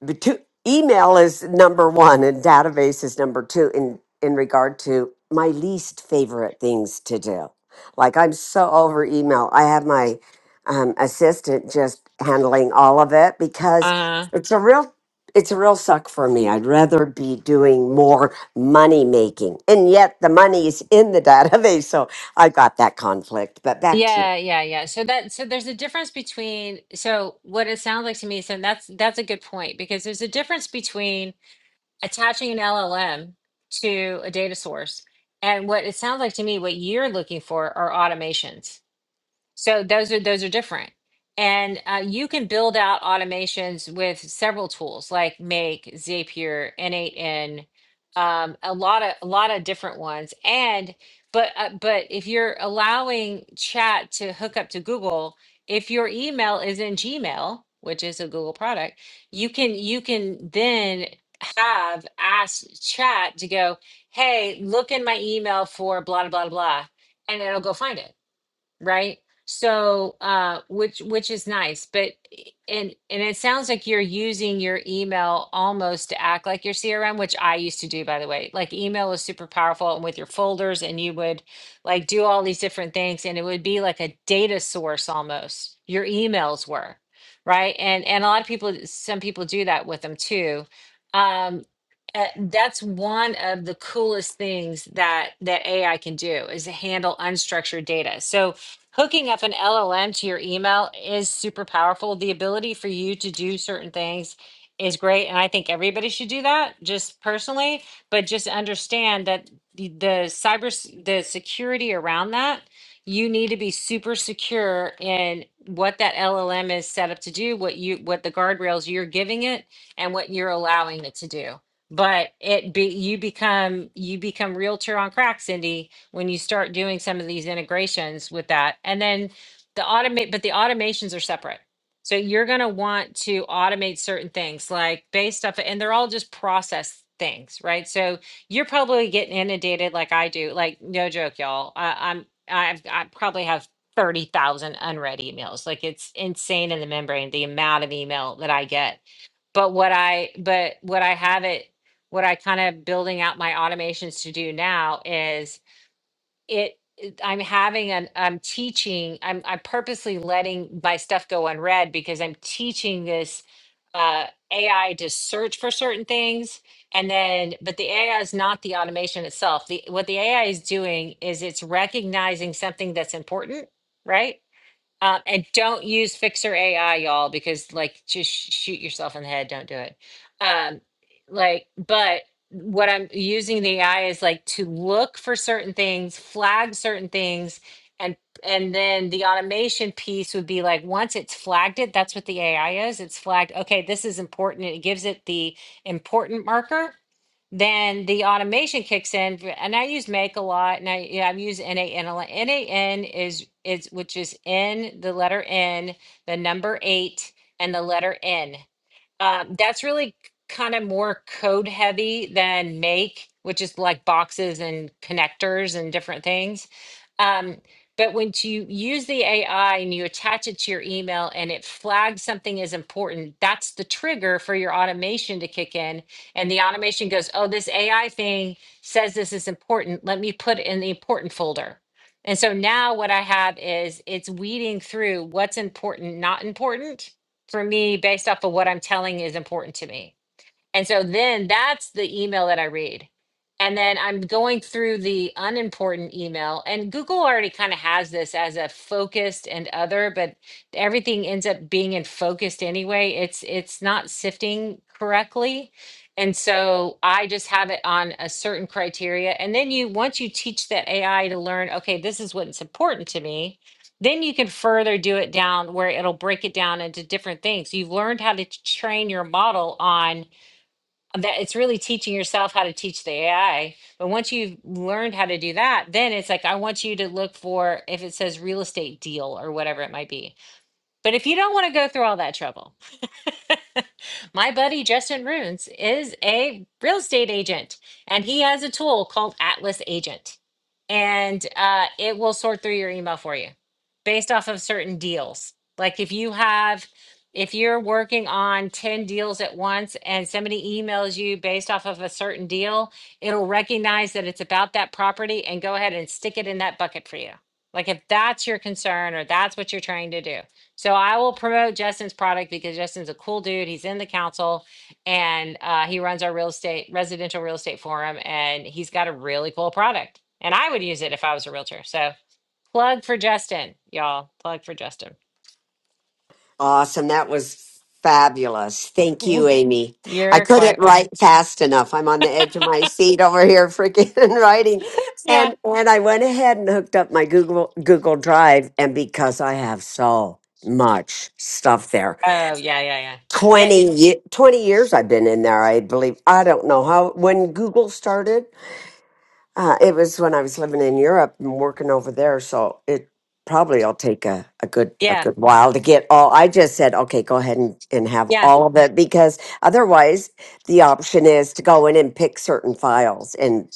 [SPEAKER 2] the two, email is number one and database is number two in in regard to my least favorite things to do like i'm so over email i have my um, assistant just handling all of it because
[SPEAKER 1] Uh,
[SPEAKER 2] it's a real it's a real suck for me i'd rather be doing more money making and yet the money is in the database so i got that conflict but back to you
[SPEAKER 1] yeah, yeah, yeah. So that so there's a difference between so what it sounds like to me. So that's that's a good point because there's a difference between attaching an LLM to a data source. And what it sounds like to me, what you're looking for are automations. So those are those are different. And uh, you can build out automations with several tools like Make, Zapier, N8N, um, a lot of a lot of different ones. And but uh, but if you're allowing chat to hook up to Google, if your email is in Gmail, which is a Google product, you can you can then have ask chat to go, hey, look in my email for blah blah blah blah, and it'll go find it right? So, uh, which which is nice, but i- and and it sounds like you're using your email almost to act like your CRM, which I used to do, by the way. Like email is super powerful, and with your folders, and you would like do all these different things, and it would be like a data source almost. Your emails were, right? And and a lot of people, some people do that with them too. Um, uh, that's one of the coolest things that that AI can do is handle unstructured data. So hooking up an LLM to your email is super powerful. The ability for you to do certain things is great. And I think everybody should do that just personally, but just understand that the, the cyber, s- the security around that, you need to be super secure in what that LLM is set up to do, what you, what the guardrails you're giving it and what you're allowing it to do. But it be, you become, you become realtor on crack, Cindy when you start doing some of these integrations with that. And then the automate, but the automations are separate. So you're going to want to automate certain things like based off, and they're all just process things, right? So you're probably getting inundated like I do. Like no joke, y'all. I, I'm I've, I probably have thirty thousand unread emails. Like it's insane in the membrane the amount of email that I get. But what I but what I have it what I kind of building out my automations to do now is it it- i'm having an i'm teaching i'm i'm purposely letting my stuff go unread because i'm teaching this uh ai to search for certain things and then but the ai is not the automation itself the what the ai is doing is it's recognizing something that's important right um, and don't use Fixer AI, y'all, because like just sh- shoot yourself in the head. Don't do it. Um, like, but what I'm using the AI is like to look for certain things, flag certain things, and and then the automation piece would be like once it's flagged it, that's what the AI is. It's flagged. Okay, this is important. It gives it the important marker, then the automation kicks in v- and i use make a lot and i yeah, i've used nan lot nan is is which is N the letter n the number eight and the letter n um, that's really kind of more code heavy than make, which is like boxes and connectors and different things. Um, but when you use the AI and you attach it to your email and it flags something as important, that's the trigger for your automation to kick in. And the automation goes, oh, this AI thing says this is important. Let me put it in the important folder. And so now what I have is it's weeding through what's important, not important for me based off of what I'm telling is important to me. And so then that's the email that I read. And then I'm going through the unimportant email. And Google already kind of has this as a focused and other, but everything ends up being in focused anyway. It's it's not sifting correctly. And so I just have it on a certain criteria. And then you once you teach that AI to learn, okay, this is what's important to me, then you can further do it down where it'll break it down into different things. You've learned how to t- train your model on that it's really teaching yourself how to teach the AI. But once you've learned how to do that, then it's like, I want you to look for if it says real estate deal or whatever it might be. But if you don't want to go through all that trouble, My buddy Justin Runes is a real estate agent, and he has a tool called Atlas Agent, and uh, it will sort through your email for you based off of certain deals. Like if you have, if you're working on 10 deals at once and somebody emails you based off of a certain deal, it'll recognize that it's about that property and go ahead and stick it in that bucket for you. Like if that's your concern or that's what you're trying to do. So I will promote Justin's product because Justin's a cool dude. He's in the council and uh, he runs our real estate, residential real estate forum, and he's got a really cool product. And I would use it if I was a realtor. So plug for Justin, y'all. Plug for Justin.
[SPEAKER 2] Awesome. That was fabulous. Thank you, Amy. I
[SPEAKER 1] You're
[SPEAKER 2] couldn't
[SPEAKER 1] quite
[SPEAKER 2] write
[SPEAKER 1] welcome.
[SPEAKER 2] fast enough. I'm on the edge of my seat over here freaking writing.
[SPEAKER 1] Yeah.
[SPEAKER 2] And and I went ahead and hooked up my Google Google Drive and because I have so much stuff there.
[SPEAKER 1] Oh, yeah, yeah, yeah. Yeah,
[SPEAKER 2] 20,
[SPEAKER 1] it,
[SPEAKER 2] ye- 20 years I've been in there, I believe. I don't know how when Google started. Uh, it was when I was living in Europe and working over there, so it probably will take a, a good a
[SPEAKER 1] yeah,
[SPEAKER 2] good while to get all. I just said, okay, go ahead and, and have
[SPEAKER 1] yeah,
[SPEAKER 2] all of it because otherwise the option is to go in and pick certain files and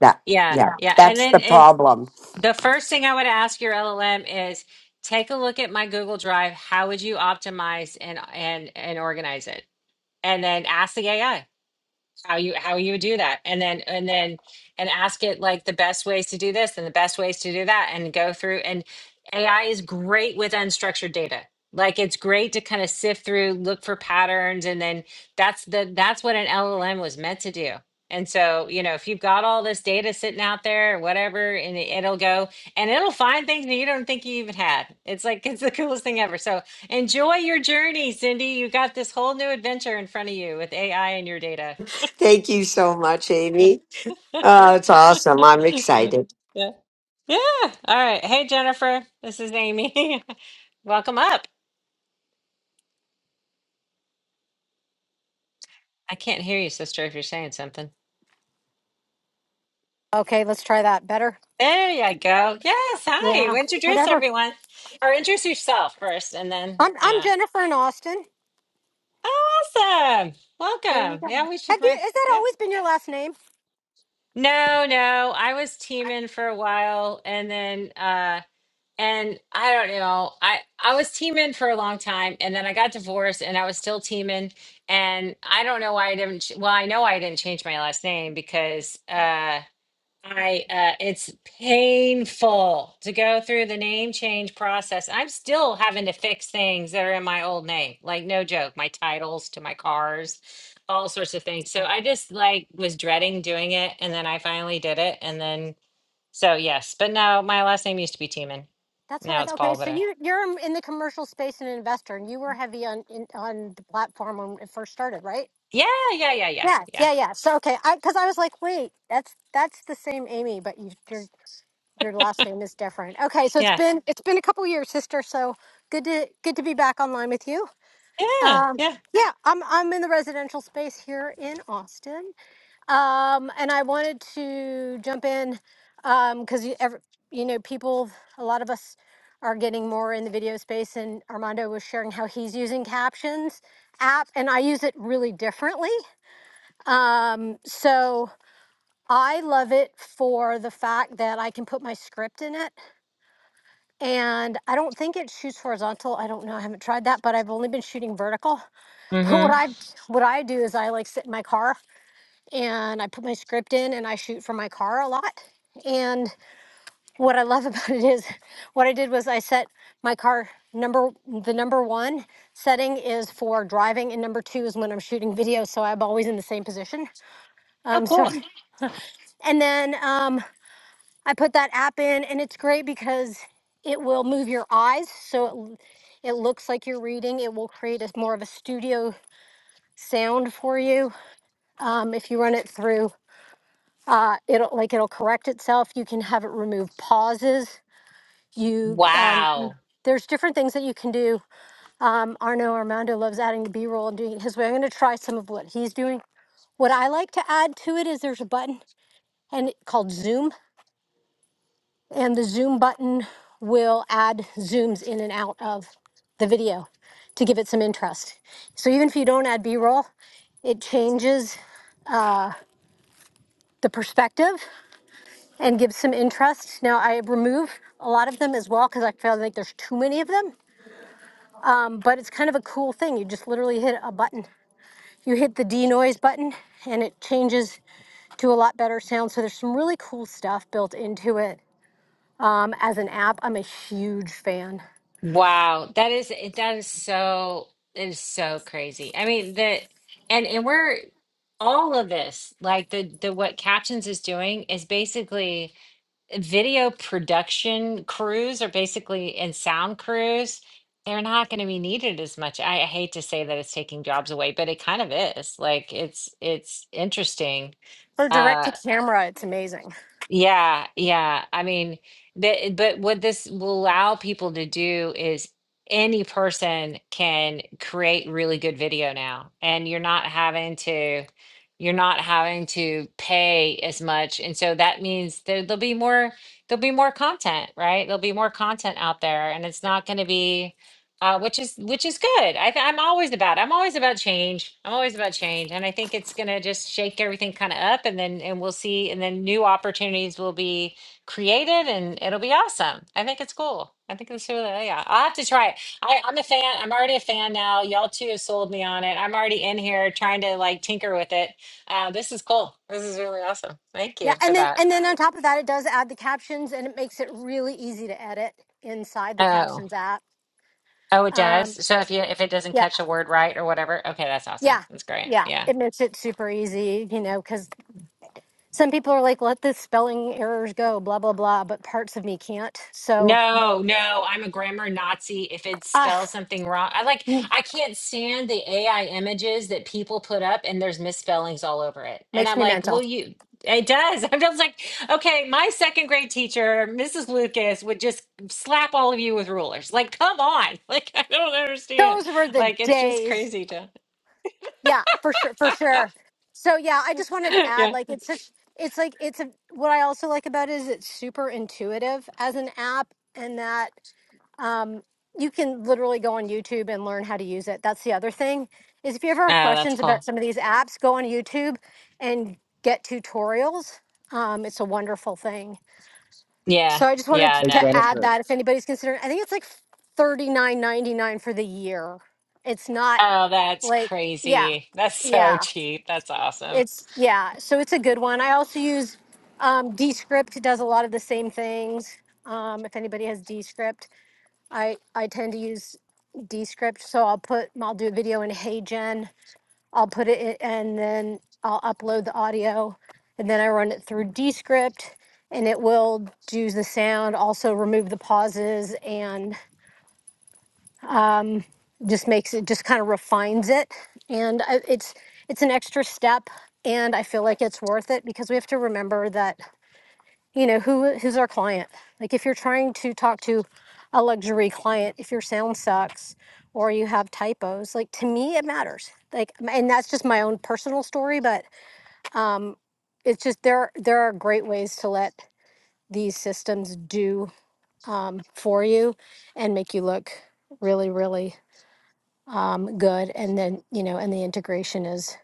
[SPEAKER 2] that yeah,
[SPEAKER 1] yeah,
[SPEAKER 2] Yeah.
[SPEAKER 1] yeah. And
[SPEAKER 2] that's
[SPEAKER 1] then
[SPEAKER 2] the
[SPEAKER 1] and
[SPEAKER 2] problem.
[SPEAKER 1] the first thing I would ask your LLM is take a look at my Google Drive. How would you optimize and and and organize it? and then ask the AI how you how you would do that and then and then and ask it like the best ways to do this and the best ways to do that and go through and ai is great with unstructured data like it's great to kind of sift through look for patterns and then that's the that's what an llm was meant to do and so you know if you've got all this data sitting out there or whatever and it- it'll go and it'll find things that you don't think you even had it's like it's the coolest thing ever so enjoy your journey cindy you got this whole new adventure in front of you with ai and your data
[SPEAKER 2] Thank you so much, Amy. Oh, it's awesome. I'm excited.
[SPEAKER 1] Yeah. Yeah. All right. Hey, Jennifer. This is Amy. Welcome up. I can't hear you, sister, if you're saying something.
[SPEAKER 5] Okay, let's try that. Better?
[SPEAKER 1] There you go. Yes. Hi.
[SPEAKER 5] Yeah.
[SPEAKER 1] Introduce
[SPEAKER 5] Whatever.
[SPEAKER 1] everyone or introduce yourself first and then,
[SPEAKER 5] I'm I'm
[SPEAKER 1] uh,
[SPEAKER 5] Jennifer in Austin.
[SPEAKER 1] awesome.
[SPEAKER 5] There you
[SPEAKER 1] Welcome.
[SPEAKER 5] go.
[SPEAKER 1] Yeah. We should
[SPEAKER 5] Have you
[SPEAKER 1] bring,
[SPEAKER 5] has that
[SPEAKER 1] yeah.
[SPEAKER 5] always been your last name?
[SPEAKER 1] No, no. I was teaming for a while and then, uh and I don't know. I I was teaming for a long time, and then I got divorced, and I was still teaming. And I don't know why I didn't. ch- Well, I know I didn't change my last name because uh, I uh, it's painful to go through the name change process. I'm still having to fix things that are in my old name, like no joke, my titles to my cars, all sorts of things. So I just like was dreading doing it, and then I finally did it, and then so yes, but no, my last name used to be Tiemann.
[SPEAKER 5] That's what
[SPEAKER 1] Now
[SPEAKER 5] I
[SPEAKER 1] it's
[SPEAKER 5] thought. Okay,
[SPEAKER 1] Paul
[SPEAKER 5] so
[SPEAKER 1] Vita.
[SPEAKER 5] you you're in the commercial space and an investor, and you were heavy on in, on the platform when it first started, right?
[SPEAKER 1] Yeah, yeah, yeah, yeah,
[SPEAKER 5] Yeah,
[SPEAKER 1] yeah,
[SPEAKER 5] yeah, yeah. So okay, I because I was like, wait, that's that's the same Amy, but you, your your last name is different. Okay, so it's
[SPEAKER 1] yeah,
[SPEAKER 5] been it's been a couple years, sister. So good to good to be back online with you.
[SPEAKER 1] yeah,
[SPEAKER 5] Um,
[SPEAKER 1] yeah.
[SPEAKER 5] yeah, I'm I'm in the residential space here in Austin, Um, and I wanted to jump in because you, ever, you know, people, a lot of us are getting more in the video space, and Armando was sharing how he's using Captions app, and I use it really differently. Um, so I love it for the fact that I can put my script in it, and I don't think it shoots horizontal. I don't know. I haven't tried that, but I've only been shooting vertical. But what
[SPEAKER 1] Mm-hmm.
[SPEAKER 5] I what I do is I like sit in my car and I put my script in and I shoot from my car a lot. And what I love about it is what I did was I set my car number the number one setting is for driving and number two is when I'm shooting video so I'm always in the same position.
[SPEAKER 1] Oh,
[SPEAKER 5] Um so
[SPEAKER 1] cool.
[SPEAKER 5] and then um I put that app in and it's great because it will move your eyes so it l- it looks like you're reading. It will create a more of a studio sound for you um, if you run it through uh, it'll like it'll correct itself. You can have it remove pauses. You um, and
[SPEAKER 1] Wow.
[SPEAKER 5] there's different things that you can do. Um, Arno Armando loves adding the B-roll and doing it his way. I'm going to try some of what he's doing. What I like to add to it is there's a button and it- called Zoom, and the Zoom button will add zooms in and out of the video to give it some interest. So even if you don't add B-roll, it changes the perspective and give some interest. Now, I remove a lot of them as well because I feel like there's too many of them, Um, but it's kind of a cool thing. You just literally hit a button. You hit the denoise button and it changes to a lot better sound. So there's some really cool stuff built into it. Um, as an app, I'm a huge fan.
[SPEAKER 1] Wow. That is it that is so it is so crazy. I mean the and and we're all of this, like the the what captions is doing is basically video production crews are basically and sound crews they're not going to be needed as much I, I hate to say that it's taking jobs away but it kind of is like it's it's interesting
[SPEAKER 5] For direct
[SPEAKER 1] Uh
[SPEAKER 5] to camera, it's amazing.
[SPEAKER 1] yeah, yeah. I mean, that, but what this will allow people to do is any person can create really good video now, and you're not having to, you're not having to pay as much. And so that means there, there'll be more, there'll be more content, right? There'll be more content out there, and it's not going to be uh, which is which is good. I th- I'm always about I'm always about change. I'm always about change, and I think it's gonna just shake everything kind of up, and then and we'll see, and then new opportunities will be created, and it'll be awesome. I think it's cool. I think it's really oh, yeah. I'll have to try it. I, I'm a fan. I'm already a fan now. Y'all too have sold me on it. I'm already in here trying to like tinker with it. Uh, this is cool. This is really awesome. Thank
[SPEAKER 5] Yeah,
[SPEAKER 1] you
[SPEAKER 5] and
[SPEAKER 1] for
[SPEAKER 5] then
[SPEAKER 1] that.
[SPEAKER 5] and then on top of that, it does add the captions and it makes it really easy to edit inside the
[SPEAKER 1] Oh.
[SPEAKER 5] captions app.
[SPEAKER 1] Oh, it does.
[SPEAKER 5] Um,
[SPEAKER 1] So if you if it doesn't
[SPEAKER 5] yeah,
[SPEAKER 1] catch a word right or whatever, okay, that's awesome.
[SPEAKER 5] yeah,
[SPEAKER 1] That's great.
[SPEAKER 5] yeah.
[SPEAKER 1] Yeah.
[SPEAKER 5] It makes it super easy, you know, because some people are like, let the spelling errors go, blah, blah, blah, but parts of me can't. So,
[SPEAKER 1] No, no, I'm a grammar Nazi. If it
[SPEAKER 5] uh,
[SPEAKER 1] spells something wrong, I like, I can't stand the AI images that people put up and there's misspellings all over it. And
[SPEAKER 5] makes
[SPEAKER 1] I'm
[SPEAKER 5] me
[SPEAKER 1] like, well,
[SPEAKER 5] mental.
[SPEAKER 1] you, it does. I'm just like, okay, my second grade teacher, Mrs. Lucas, would just slap all of you with rulers. Like, come on. Like, I don't understand.
[SPEAKER 5] Those were the
[SPEAKER 1] Like, it's just
[SPEAKER 5] days.
[SPEAKER 1] crazy to,
[SPEAKER 5] Yeah, for sure, for sure. So, yeah, I just wanted to add
[SPEAKER 1] yeah. Oh,
[SPEAKER 5] like, it's such, it's like, it's a, what I also like about it is it's super intuitive as an app and that, um, you can literally go on YouTube and learn how to use it. That's the other thing is if you ever have
[SPEAKER 1] that's
[SPEAKER 5] questions about
[SPEAKER 1] cool.
[SPEAKER 5] some of these apps, go on YouTube and get tutorials. Um, it's a wonderful thing.
[SPEAKER 1] Yeah.
[SPEAKER 5] So I just wanted to
[SPEAKER 1] Yeah.
[SPEAKER 4] Hey,
[SPEAKER 5] to
[SPEAKER 1] No, that's,
[SPEAKER 5] add
[SPEAKER 4] Jennifer.
[SPEAKER 5] that if anybody's considering, I think it's like thirty nine ninety nine for the year. It's not
[SPEAKER 1] oh, that's
[SPEAKER 5] like yeah,
[SPEAKER 1] crazy. That's so
[SPEAKER 5] yeah.
[SPEAKER 1] cheap. That's awesome.
[SPEAKER 5] It's yeah. So it's a good one. I also use um, Descript. It does a lot of the same things. Um, if anybody has Descript, I I tend to use Descript. So I'll put I'll do a video in Hey Gen. I'll put it in, and then I'll upload the audio, and then I run it through Descript, and it will do the sound, also remove the pauses, and just makes it just kind of refines it. And I, it's it's an extra step, and I feel like it's worth it because we have to remember that you know who who's our client. Like if you're trying to talk to a luxury client, if your sound sucks or you have typos, like to me it matters. Like, and that's just my own personal story, but um, it's just there are- there are great ways to let these systems do um, for you and make you look really really um, good and then you know and the integration is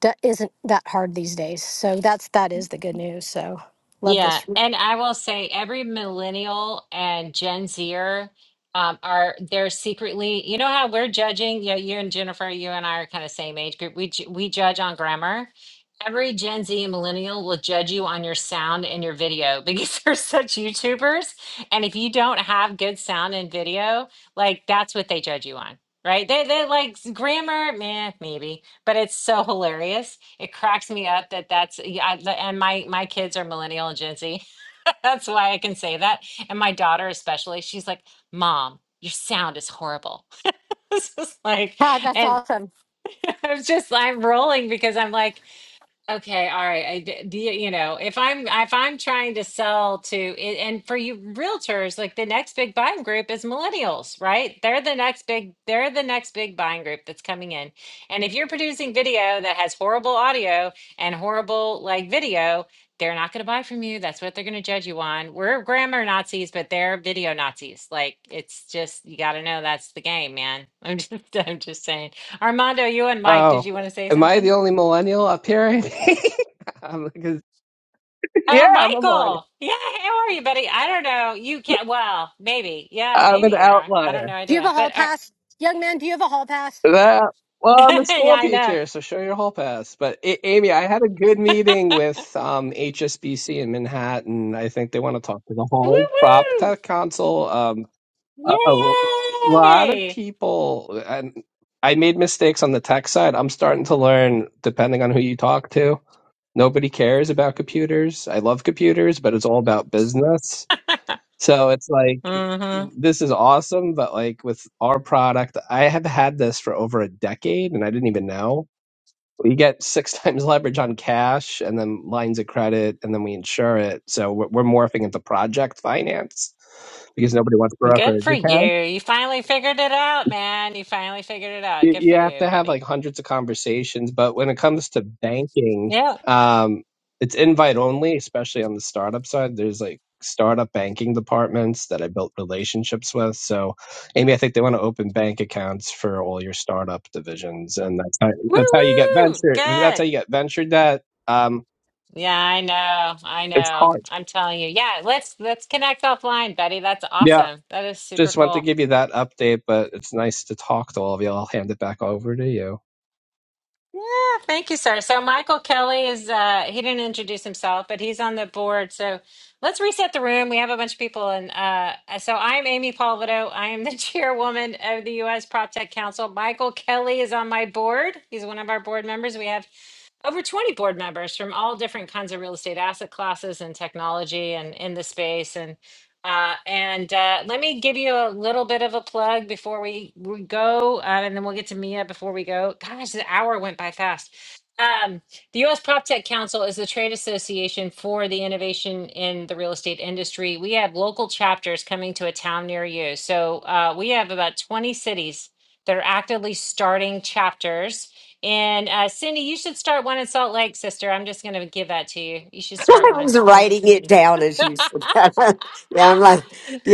[SPEAKER 5] d- isn't that hard these days so that's that is the good news so love
[SPEAKER 1] Yeah,
[SPEAKER 5] this
[SPEAKER 1] and I will say every millennial and Gen Zer um, are they're secretly, you know how we're judging, you you and Jennifer, you and I are kind of same age group. We ju- we judge on grammar. Every Gen Z and millennial will judge you on your sound and your video because they're such YouTubers. And if you don't have good sound and video, like that's what they judge you on, right? They they like s- grammar, meh, maybe, but it's so hilarious it cracks me up that that's yeah I- the- and my my kids are millennial and gen z that's why i can say that and my daughter especially she's like mom your sound is horrible it's just like
[SPEAKER 5] ah, that's
[SPEAKER 1] and
[SPEAKER 5] awesome
[SPEAKER 1] i'm just i'm rolling because i'm like Okay, all right. I d- do you, you know, if I'm if I'm trying to sell to a- and for you realtors, like the next big buying group is millennials, right? They're the next big they're the next big buying group that's coming in. And if you're producing video that has horrible audio and horrible like video, they're not going to buy from you. That's what they're going to judge you on. We're grammar Nazis, but they're video Nazis. Like it's just you got to know that's the game, man. I'm just I'm just saying. Armando, you and Mike, did
[SPEAKER 6] Oh,
[SPEAKER 1] you want to say
[SPEAKER 6] am I
[SPEAKER 1] something?
[SPEAKER 6] the only millennial up here? I'm like, a- yeah,
[SPEAKER 1] Oh,
[SPEAKER 6] I'm a millennial.
[SPEAKER 1] Michael. Yeah, how are you, buddy? I don't know. You can't. Well, maybe. Yeah,
[SPEAKER 6] I'm
[SPEAKER 1] maybe
[SPEAKER 6] an
[SPEAKER 1] you are. I don't
[SPEAKER 6] outlier.
[SPEAKER 1] know.
[SPEAKER 5] do you have
[SPEAKER 1] Idea.
[SPEAKER 5] a
[SPEAKER 1] But
[SPEAKER 5] hall
[SPEAKER 1] uh,
[SPEAKER 5] pass young man do you have a hall pass
[SPEAKER 6] That, well, I'm a
[SPEAKER 1] yeah,
[SPEAKER 6] school
[SPEAKER 1] I know.
[SPEAKER 6] teacher, so show your hall pass. But A- Amy, I had a good meeting with um, HSBC in Manhattan. I think they want to talk to the
[SPEAKER 1] Woo
[SPEAKER 6] whole prop
[SPEAKER 1] woo!
[SPEAKER 6] tech council. Um, a, a lot of
[SPEAKER 1] Yay!
[SPEAKER 6] people, and I made mistakes on the tech side. I'm starting to learn, depending on who you talk to. Nobody cares about computers. I love computers, but it's all about business. So it's like,
[SPEAKER 1] Mm-hmm.
[SPEAKER 6] this is awesome, but like with our product, I have had this for over a decade and I didn't even know. We get six times leverage on cash and then lines of credit and then we insure it. So we're, we're morphing into project finance because nobody wants
[SPEAKER 1] Good
[SPEAKER 6] brokerage
[SPEAKER 1] for you.
[SPEAKER 6] accounts.
[SPEAKER 1] You finally figured it out, man. You finally figured it out.
[SPEAKER 6] you
[SPEAKER 1] Good
[SPEAKER 6] you
[SPEAKER 1] for
[SPEAKER 6] have
[SPEAKER 1] you,
[SPEAKER 6] to have like
[SPEAKER 1] buddy.
[SPEAKER 6] hundreds of conversations but when it comes to banking
[SPEAKER 1] Yeah.
[SPEAKER 6] um it's invite only especially on the startup side there's like startup banking departments that i built relationships with so amy i think they want to open bank accounts for all your startup divisions and that's how,
[SPEAKER 1] Woo
[SPEAKER 6] that's how you get
[SPEAKER 1] woo!
[SPEAKER 6] venture that's how
[SPEAKER 1] Good.
[SPEAKER 6] you get venture debt um
[SPEAKER 1] Yeah, I know. I
[SPEAKER 6] it's
[SPEAKER 1] know.
[SPEAKER 6] hard
[SPEAKER 1] I'm telling you. Yeah, let's let's connect offline, buddy. That's
[SPEAKER 6] yeah
[SPEAKER 1] awesome. That is super
[SPEAKER 6] just want to
[SPEAKER 1] cool.
[SPEAKER 6] give you that update but it's nice to talk to all of you i'll hand it back over to you
[SPEAKER 1] Yeah, thank you, sir. So Michael Kelly is uh he didn't introduce himself, but he's on the board. So let's reset the room. We have a bunch of people and uh so I'm Amy Palvido. I am the chairwoman of the US PropTech Council. Michael Kelly is on my board. He's one of our board members. We have over 20 board members from all different kinds of real estate asset classes and technology and in the space and uh, and uh, let me give you a little bit of a plug before we, we go uh, and then we'll get to mia before we go gosh the hour went by fast um, the us PropTech council is the trade association for the innovation in the real estate industry we have local chapters coming to a town near you so uh, we have about 20 cities that are actively starting chapters and uh, Cindy, you should start one in Salt Lake, sister. I'm just going to give that to you. You should start
[SPEAKER 2] I
[SPEAKER 1] one.
[SPEAKER 2] was
[SPEAKER 1] I'm just,
[SPEAKER 2] writing it down as you said that. yeah, I'm like,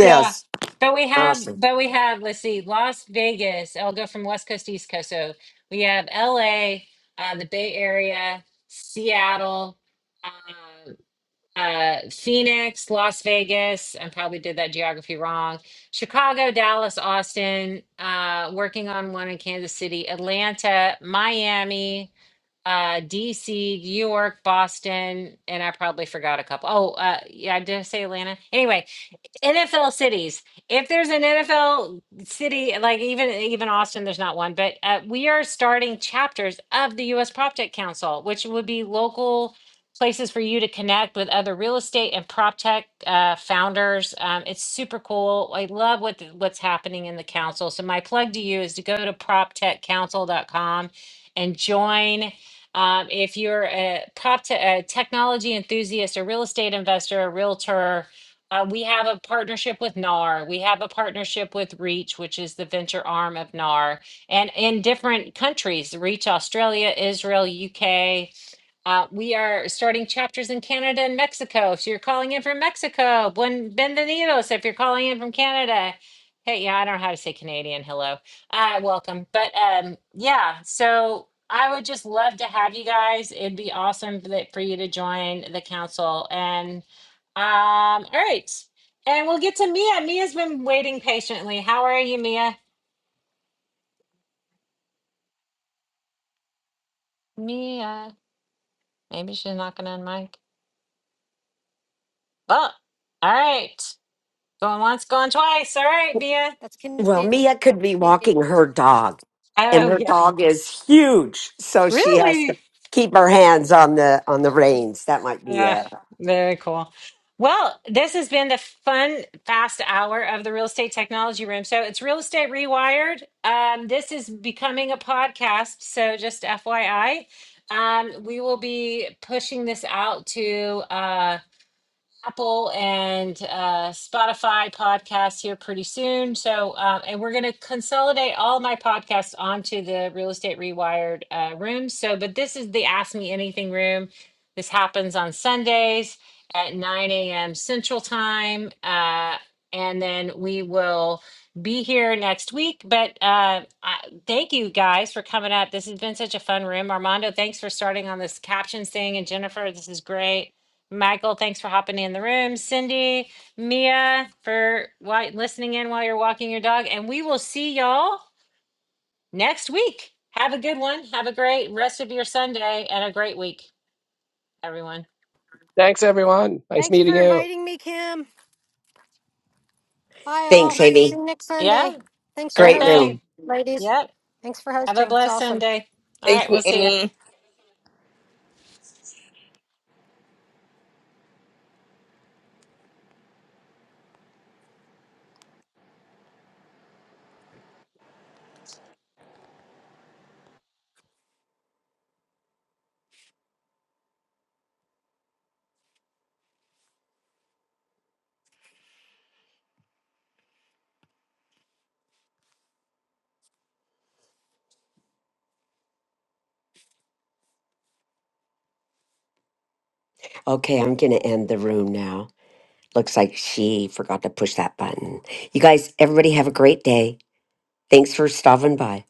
[SPEAKER 1] yeah. But we have,
[SPEAKER 2] awesome.
[SPEAKER 1] but we have, let's see, Las Vegas. I'll go from West Coast to East Coast. So we have LA, uh, the Bay Area, Seattle, uh, uh, Phoenix, Las Vegas. I probably did that geography wrong. Chicago, Dallas, Austin, uh, working on one in Kansas City, Atlanta, Miami uh DC, New York, Boston, and I probably forgot a couple. Oh, uh yeah, did I say Atlanta? Anyway, NFL cities. If there's an NFL city, like even even Austin, there's not one, but uh, we are starting chapters of the U.S. Prop Tech Council, which would be local places for you to connect with other real estate and prop tech uh, founders. Um, it's super cool. I love what the, what's happening in the council. So my plug to you is to go to prop tech council dot com and join. Um, if you're a prop te- a technology enthusiast, a real estate investor, a realtor uh, we have a partnership with NAR. We have a partnership with Reach, which is the venture arm of NAR, and in different countries, Reach Australia, Israel, UK, uh, we are starting chapters in Canada and Mexico. If you're calling in from Mexico, buen bienvenidos. If you're calling in from Canada, hey, yeah, I don't know how to say Canadian. Hello, uh, welcome. But um, yeah, so I would just love to have you guys. It'd be awesome for the- for you to join the council. And um, all right, and we'll get to Mia. Mia's been waiting patiently. How are you, Mia? Mia, maybe she's not going to unmic. Well, all right. Going once, going twice. All right, Mia.
[SPEAKER 5] that's
[SPEAKER 2] Well,
[SPEAKER 5] Canadian.
[SPEAKER 2] Mia could be walking her dog, and
[SPEAKER 1] Oh,
[SPEAKER 2] her
[SPEAKER 1] yeah.
[SPEAKER 2] dog is huge, so she has to
[SPEAKER 1] Really?
[SPEAKER 2] keep her hands on the on the reins. That might be
[SPEAKER 1] Yeah,
[SPEAKER 2] it.
[SPEAKER 1] very cool. Well, this has been the fun, fast hour of the Real Estate Technology Room. So it's Real Estate Rewired. Um, this is becoming a podcast. So just FYI, um, we will be pushing this out to. uh, Apple and uh, Spotify podcasts here pretty soon. So, uh, and we're going to consolidate all my podcasts onto the Real Estate Rewired uh, room. So, but this is the Ask Me Anything room. This happens on Sundays at 9 a.m. Central Time. Uh, and then we will be here next week. But uh, I, thank you guys for coming up. This has been such a fun room. Armando, thanks for starting on this captions thing. And Jennifer, this is great. Michael, thanks for hopping in the room. Cindy, Mia, for while, listening in while you're walking your dog. And we will see y'all next week. Have a good one. Have a great rest of your Sunday and a great week, everyone.
[SPEAKER 6] thanks everyone nice
[SPEAKER 5] thanks
[SPEAKER 6] meeting
[SPEAKER 5] for
[SPEAKER 6] you
[SPEAKER 5] inviting me kim bye
[SPEAKER 2] Thanks,
[SPEAKER 5] all see
[SPEAKER 2] Amy.
[SPEAKER 5] you next sunday
[SPEAKER 1] Yeah,
[SPEAKER 5] thanks for
[SPEAKER 1] sure
[SPEAKER 2] Great
[SPEAKER 5] hosting
[SPEAKER 1] thing.
[SPEAKER 2] room.
[SPEAKER 5] ladies
[SPEAKER 1] Yep.
[SPEAKER 5] thanks for
[SPEAKER 1] Have a
[SPEAKER 5] hosting it's
[SPEAKER 1] blessed
[SPEAKER 5] awesome
[SPEAKER 1] Sunday. All
[SPEAKER 7] Thank
[SPEAKER 1] right,
[SPEAKER 7] you,
[SPEAKER 1] we'll see you.
[SPEAKER 7] Emmy.
[SPEAKER 2] Okay, I'm gonna end the room now. Looks like she forgot to push that button. You guys, everybody have a great day. Thanks for stopping by.